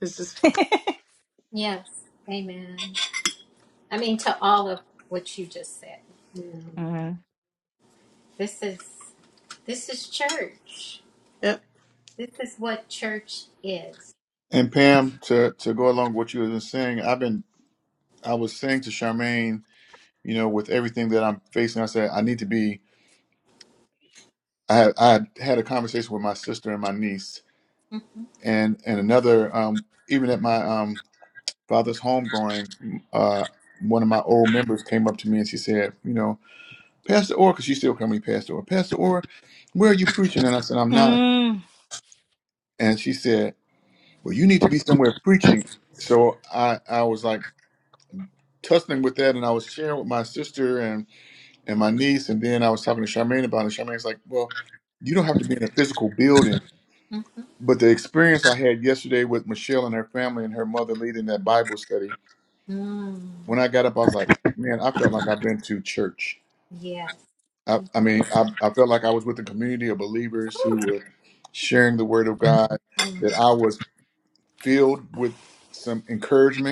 Speaker 1: It's just.
Speaker 2: Yes. Amen. I mean, to all of what you just said.
Speaker 1: Yeah.
Speaker 4: Mm.
Speaker 2: This is this is church.
Speaker 1: Yep.
Speaker 2: This is what church is.
Speaker 5: And Pam, to to go along with what you were saying, I've been I was saying to Charmaine, you know, with everything that I'm facing, I said I need to be. I had I had had a conversation with my sister and my niece,
Speaker 2: Mhm,
Speaker 5: and and another um, even at my um, father's home growing, uh, one of my old members came up to me and she said, you know, Pastor Orr, because she still called me Pastor Orr. Pastor Orr, where are you preaching? And I said, I'm not.
Speaker 4: Mm.
Speaker 5: And she said, well, you need to be somewhere preaching. So I I was like. tussling with that, and I was sharing with my sister and and my niece, and then I was talking to Charmaine about it. Charmaine's like, "Well, you don't have to be in a physical building."
Speaker 2: mhm.
Speaker 5: But the experience I had yesterday with Michelle and her family and her mother leading that Bible study,
Speaker 2: Mm,
Speaker 5: when I got up, I was like, "Man, I felt like I've been to church."
Speaker 2: yes.
Speaker 5: I, I mean, I, I felt like I was with a community of believers who were sharing the Word of God.
Speaker 2: Mhm.
Speaker 5: That I was filled with some encouragement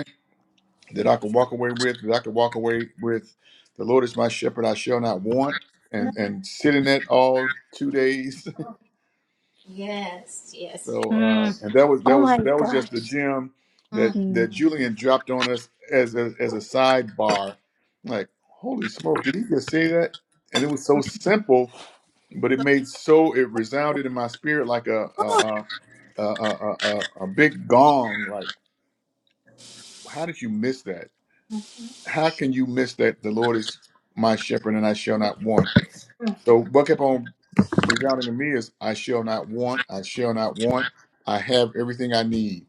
Speaker 5: that I can walk away with, that I can walk away with. The Lord is my shepherd, I shall not want, and and sit in that all two days.
Speaker 2: Yes. Yes. yes.
Speaker 5: so uh,
Speaker 4: Mm.
Speaker 5: and that was that
Speaker 4: Oh
Speaker 5: was
Speaker 4: my
Speaker 5: that was just the
Speaker 4: gosh.
Speaker 5: gem that
Speaker 2: Mhm,
Speaker 5: that
Speaker 4: Mm.
Speaker 5: Julian dropped on us as a, as a sidebar. Like, holy smoke, did he just say that? And it was so simple, but it made so it resounded in my spirit like a a a a, a, a, a a big gong. Like, how did you miss that?
Speaker 2: mhm.
Speaker 5: how can you miss that the Lord is my shepherd and I shall not want?
Speaker 2: Mm.
Speaker 5: So what kept on resounding to me is I shall not want, I shall not want, I have everything I need.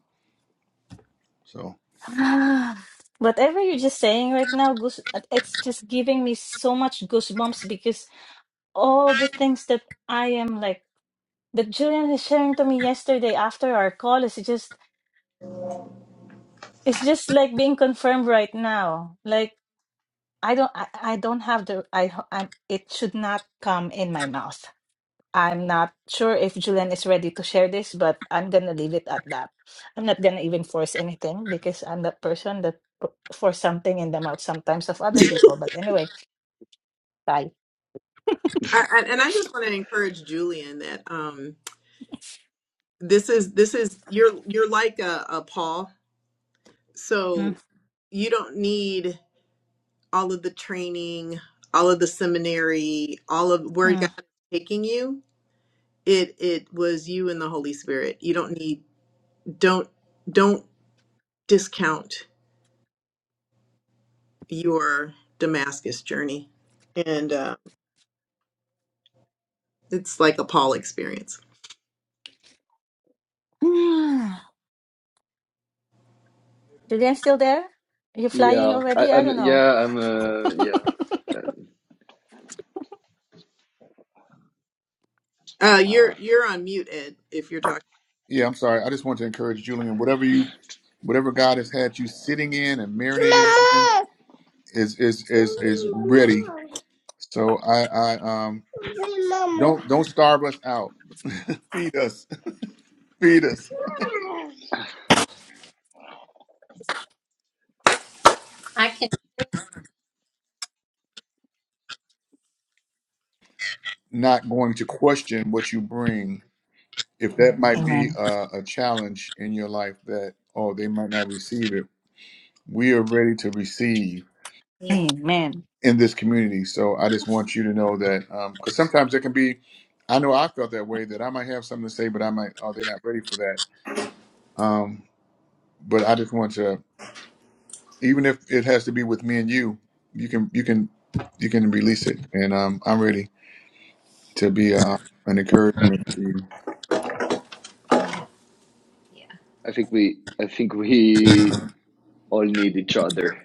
Speaker 5: So
Speaker 4: Ah, Whatever you're just saying right now, goose, it's just giving me so much goosebumps because all the things that I am like that Julian is sharing to me yesterday after our call is just it's just like being confirmed right now. Like I don't I, I don't have the I I it should not come in my mouth. I'm not sure if Julian is ready to share this, but I'm gonna leave it at that. I'm not gonna even force anything because I'm that person that p- force something in the mouth sometimes of other people. But anyway, bye.
Speaker 1: I, I, and I just want to encourage Julian that um, this is this is you're you're like a, a Paul,
Speaker 4: Mm,
Speaker 1: so you don't need all of the training, all of the seminary, all of where God
Speaker 4: mm.
Speaker 1: is taking you, it it was you and the Holy Spirit. You don't need don't don't discount your Damascus journey, and uh, it's like a Paul experience.
Speaker 4: Julian, still there? you flying
Speaker 6: yeah I,
Speaker 4: already? I
Speaker 6: i'm
Speaker 4: don't know.
Speaker 6: yeah i'm uh, yeah
Speaker 1: Uh,
Speaker 6: uh,
Speaker 1: you're you're on mute, Ed. If you're talking,
Speaker 5: yeah, I'm sorry. I just want to encourage Julian, whatever you whatever God has had you sitting in and marinated in
Speaker 6: Mama!
Speaker 5: is is is is ready. So I, I um
Speaker 6: Mama! Mama!
Speaker 5: don't don't starve us out. feed us, feed us.
Speaker 6: Mama!
Speaker 2: I can.
Speaker 5: Not going to question what you bring if that might be
Speaker 4: Amen.
Speaker 5: a, a challenge in your life that oh they might not receive it we are ready to receive
Speaker 2: Yeah.
Speaker 4: Amen.
Speaker 5: in this community so i just want you to know that because sometimes there can be i know i felt that way that i might have something to say but i might oh they're not ready for that um, but i just want to even if it has to be with me and you you can you can you can release it and um, i'm ready to be uh an encouragement to you
Speaker 2: Yeah.
Speaker 6: i think we i think we all need each other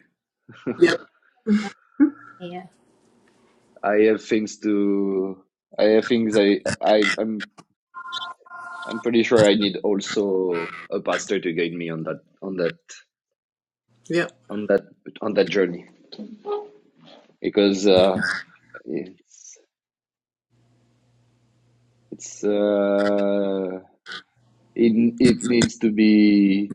Speaker 1: yep,
Speaker 2: uh, Yeah.
Speaker 6: i have things to i have things i, I i'm i'm pretty sure i need also a pastor to guide me on that on that
Speaker 1: yep.
Speaker 6: on that on that journey because uh it's It's uh, it it needs to be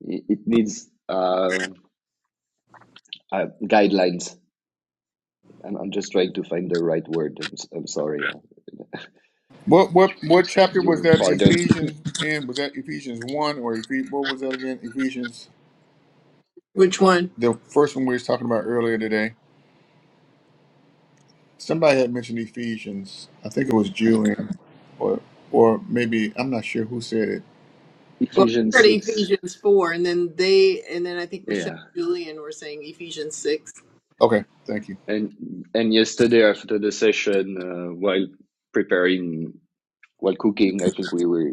Speaker 6: it it needs uh, uh guidelines. I'm I'm just trying to find the right word. I'm s- I'm sorry. uh,
Speaker 5: What what what chapter was
Speaker 6: Your
Speaker 5: that
Speaker 6: pardon.
Speaker 5: Ephesians in? Was that Ephesians one or Ephes- what was that again? Ephesians
Speaker 1: Which one?
Speaker 5: the first one we was talking about earlier today. Somebody had mentioned Ephesians. I think it was Julian or or maybe I'm not sure who said it.
Speaker 1: Well, I
Speaker 6: Ephesians
Speaker 1: heard
Speaker 6: six.
Speaker 1: Ephesians four, and then they, and then I think Michelle
Speaker 6: Yeah.
Speaker 1: and Julian were saying Ephesians six,
Speaker 5: Okay, thank you.
Speaker 6: And and yesterday after the session, uh, while preparing while cooking, I think we were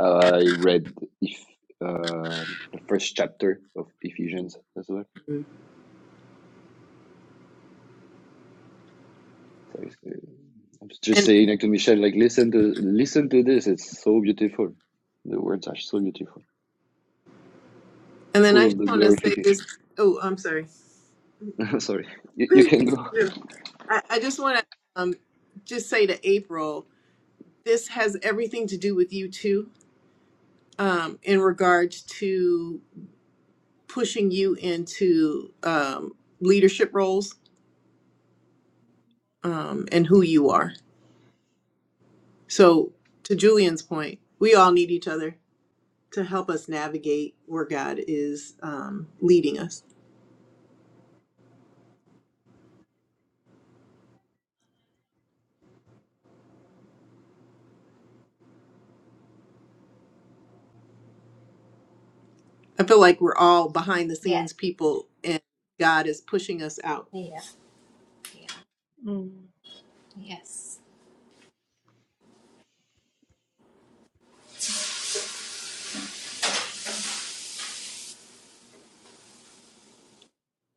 Speaker 6: uh, I read if uh, the first chapter of Ephesians as well
Speaker 1: and
Speaker 6: So I used to, I'm just
Speaker 1: and
Speaker 6: saying like to Michelle, like listen to listen to this. It's so beautiful. The words are so beautiful,
Speaker 1: then I
Speaker 6: full of
Speaker 1: just
Speaker 6: the
Speaker 1: want to say this.
Speaker 6: glorification.
Speaker 1: Oh, I'm sorry.
Speaker 6: Sorry, you, you can go.
Speaker 1: I, I just want to um, just say to April, this has everything to do with you too, um, in regards to pushing you into um, leadership roles um, and who you are. So, to Julian's point, we all need each other to help us navigate where God is um, leading us. I feel like we're all behind the
Speaker 2: Yeah.
Speaker 1: scenes people, and God is pushing us out.
Speaker 2: Yeah. Yeah. Yes.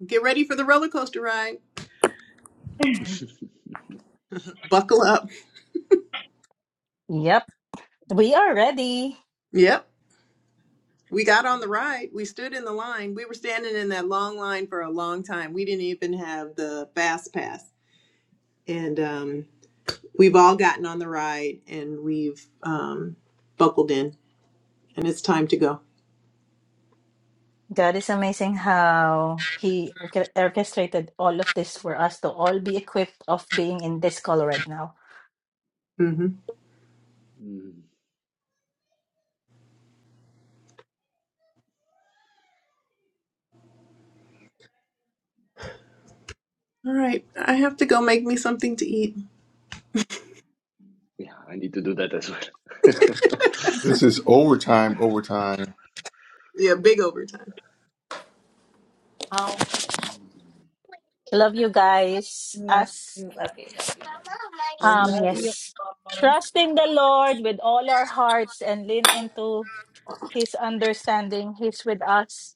Speaker 1: Get ready for the roller coaster ride. Buckle up.
Speaker 4: Yep. We are ready.
Speaker 1: Yep. We got on the ride. We stood in the line. We were standing in that long line for a long time. We didn't even have the fast pass. And um, we've all gotten on the ride and we've um, buckled in, and it's time to go.
Speaker 4: God is amazing how He orche- orchestrated all of this for us to all be equipped of being in this call right now.
Speaker 1: hmm
Speaker 6: Mm,
Speaker 1: All right. I have to go make me something to eat.
Speaker 6: yeah, I need to do that as well.
Speaker 5: This is overtime overtime.
Speaker 1: Yeah, big overtime.
Speaker 2: Oh,
Speaker 4: Love you guys.
Speaker 2: love
Speaker 4: As
Speaker 2: you. Love you. Love you. Love you.
Speaker 1: Love
Speaker 4: Um,
Speaker 3: Love
Speaker 1: you too.
Speaker 3: you
Speaker 4: yes.
Speaker 3: all.
Speaker 4: Trust in the Lord with all our hearts and lean into his understanding. He's with us,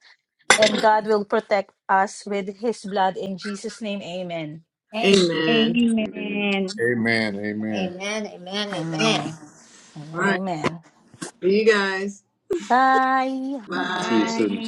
Speaker 4: and God will protect us with his blood. In Jesus' name, amen.
Speaker 2: Amen.
Speaker 1: Amen.
Speaker 6: Amen.
Speaker 3: amen
Speaker 5: Amen. Amen.
Speaker 2: Amen. Amen.
Speaker 4: Amen.
Speaker 1: All
Speaker 4: Amen.
Speaker 1: right.
Speaker 4: Amen.
Speaker 1: See you guys.
Speaker 4: Bye.
Speaker 2: Amen.
Speaker 6: See you
Speaker 1: Bye.
Speaker 3: bye
Speaker 6: soon.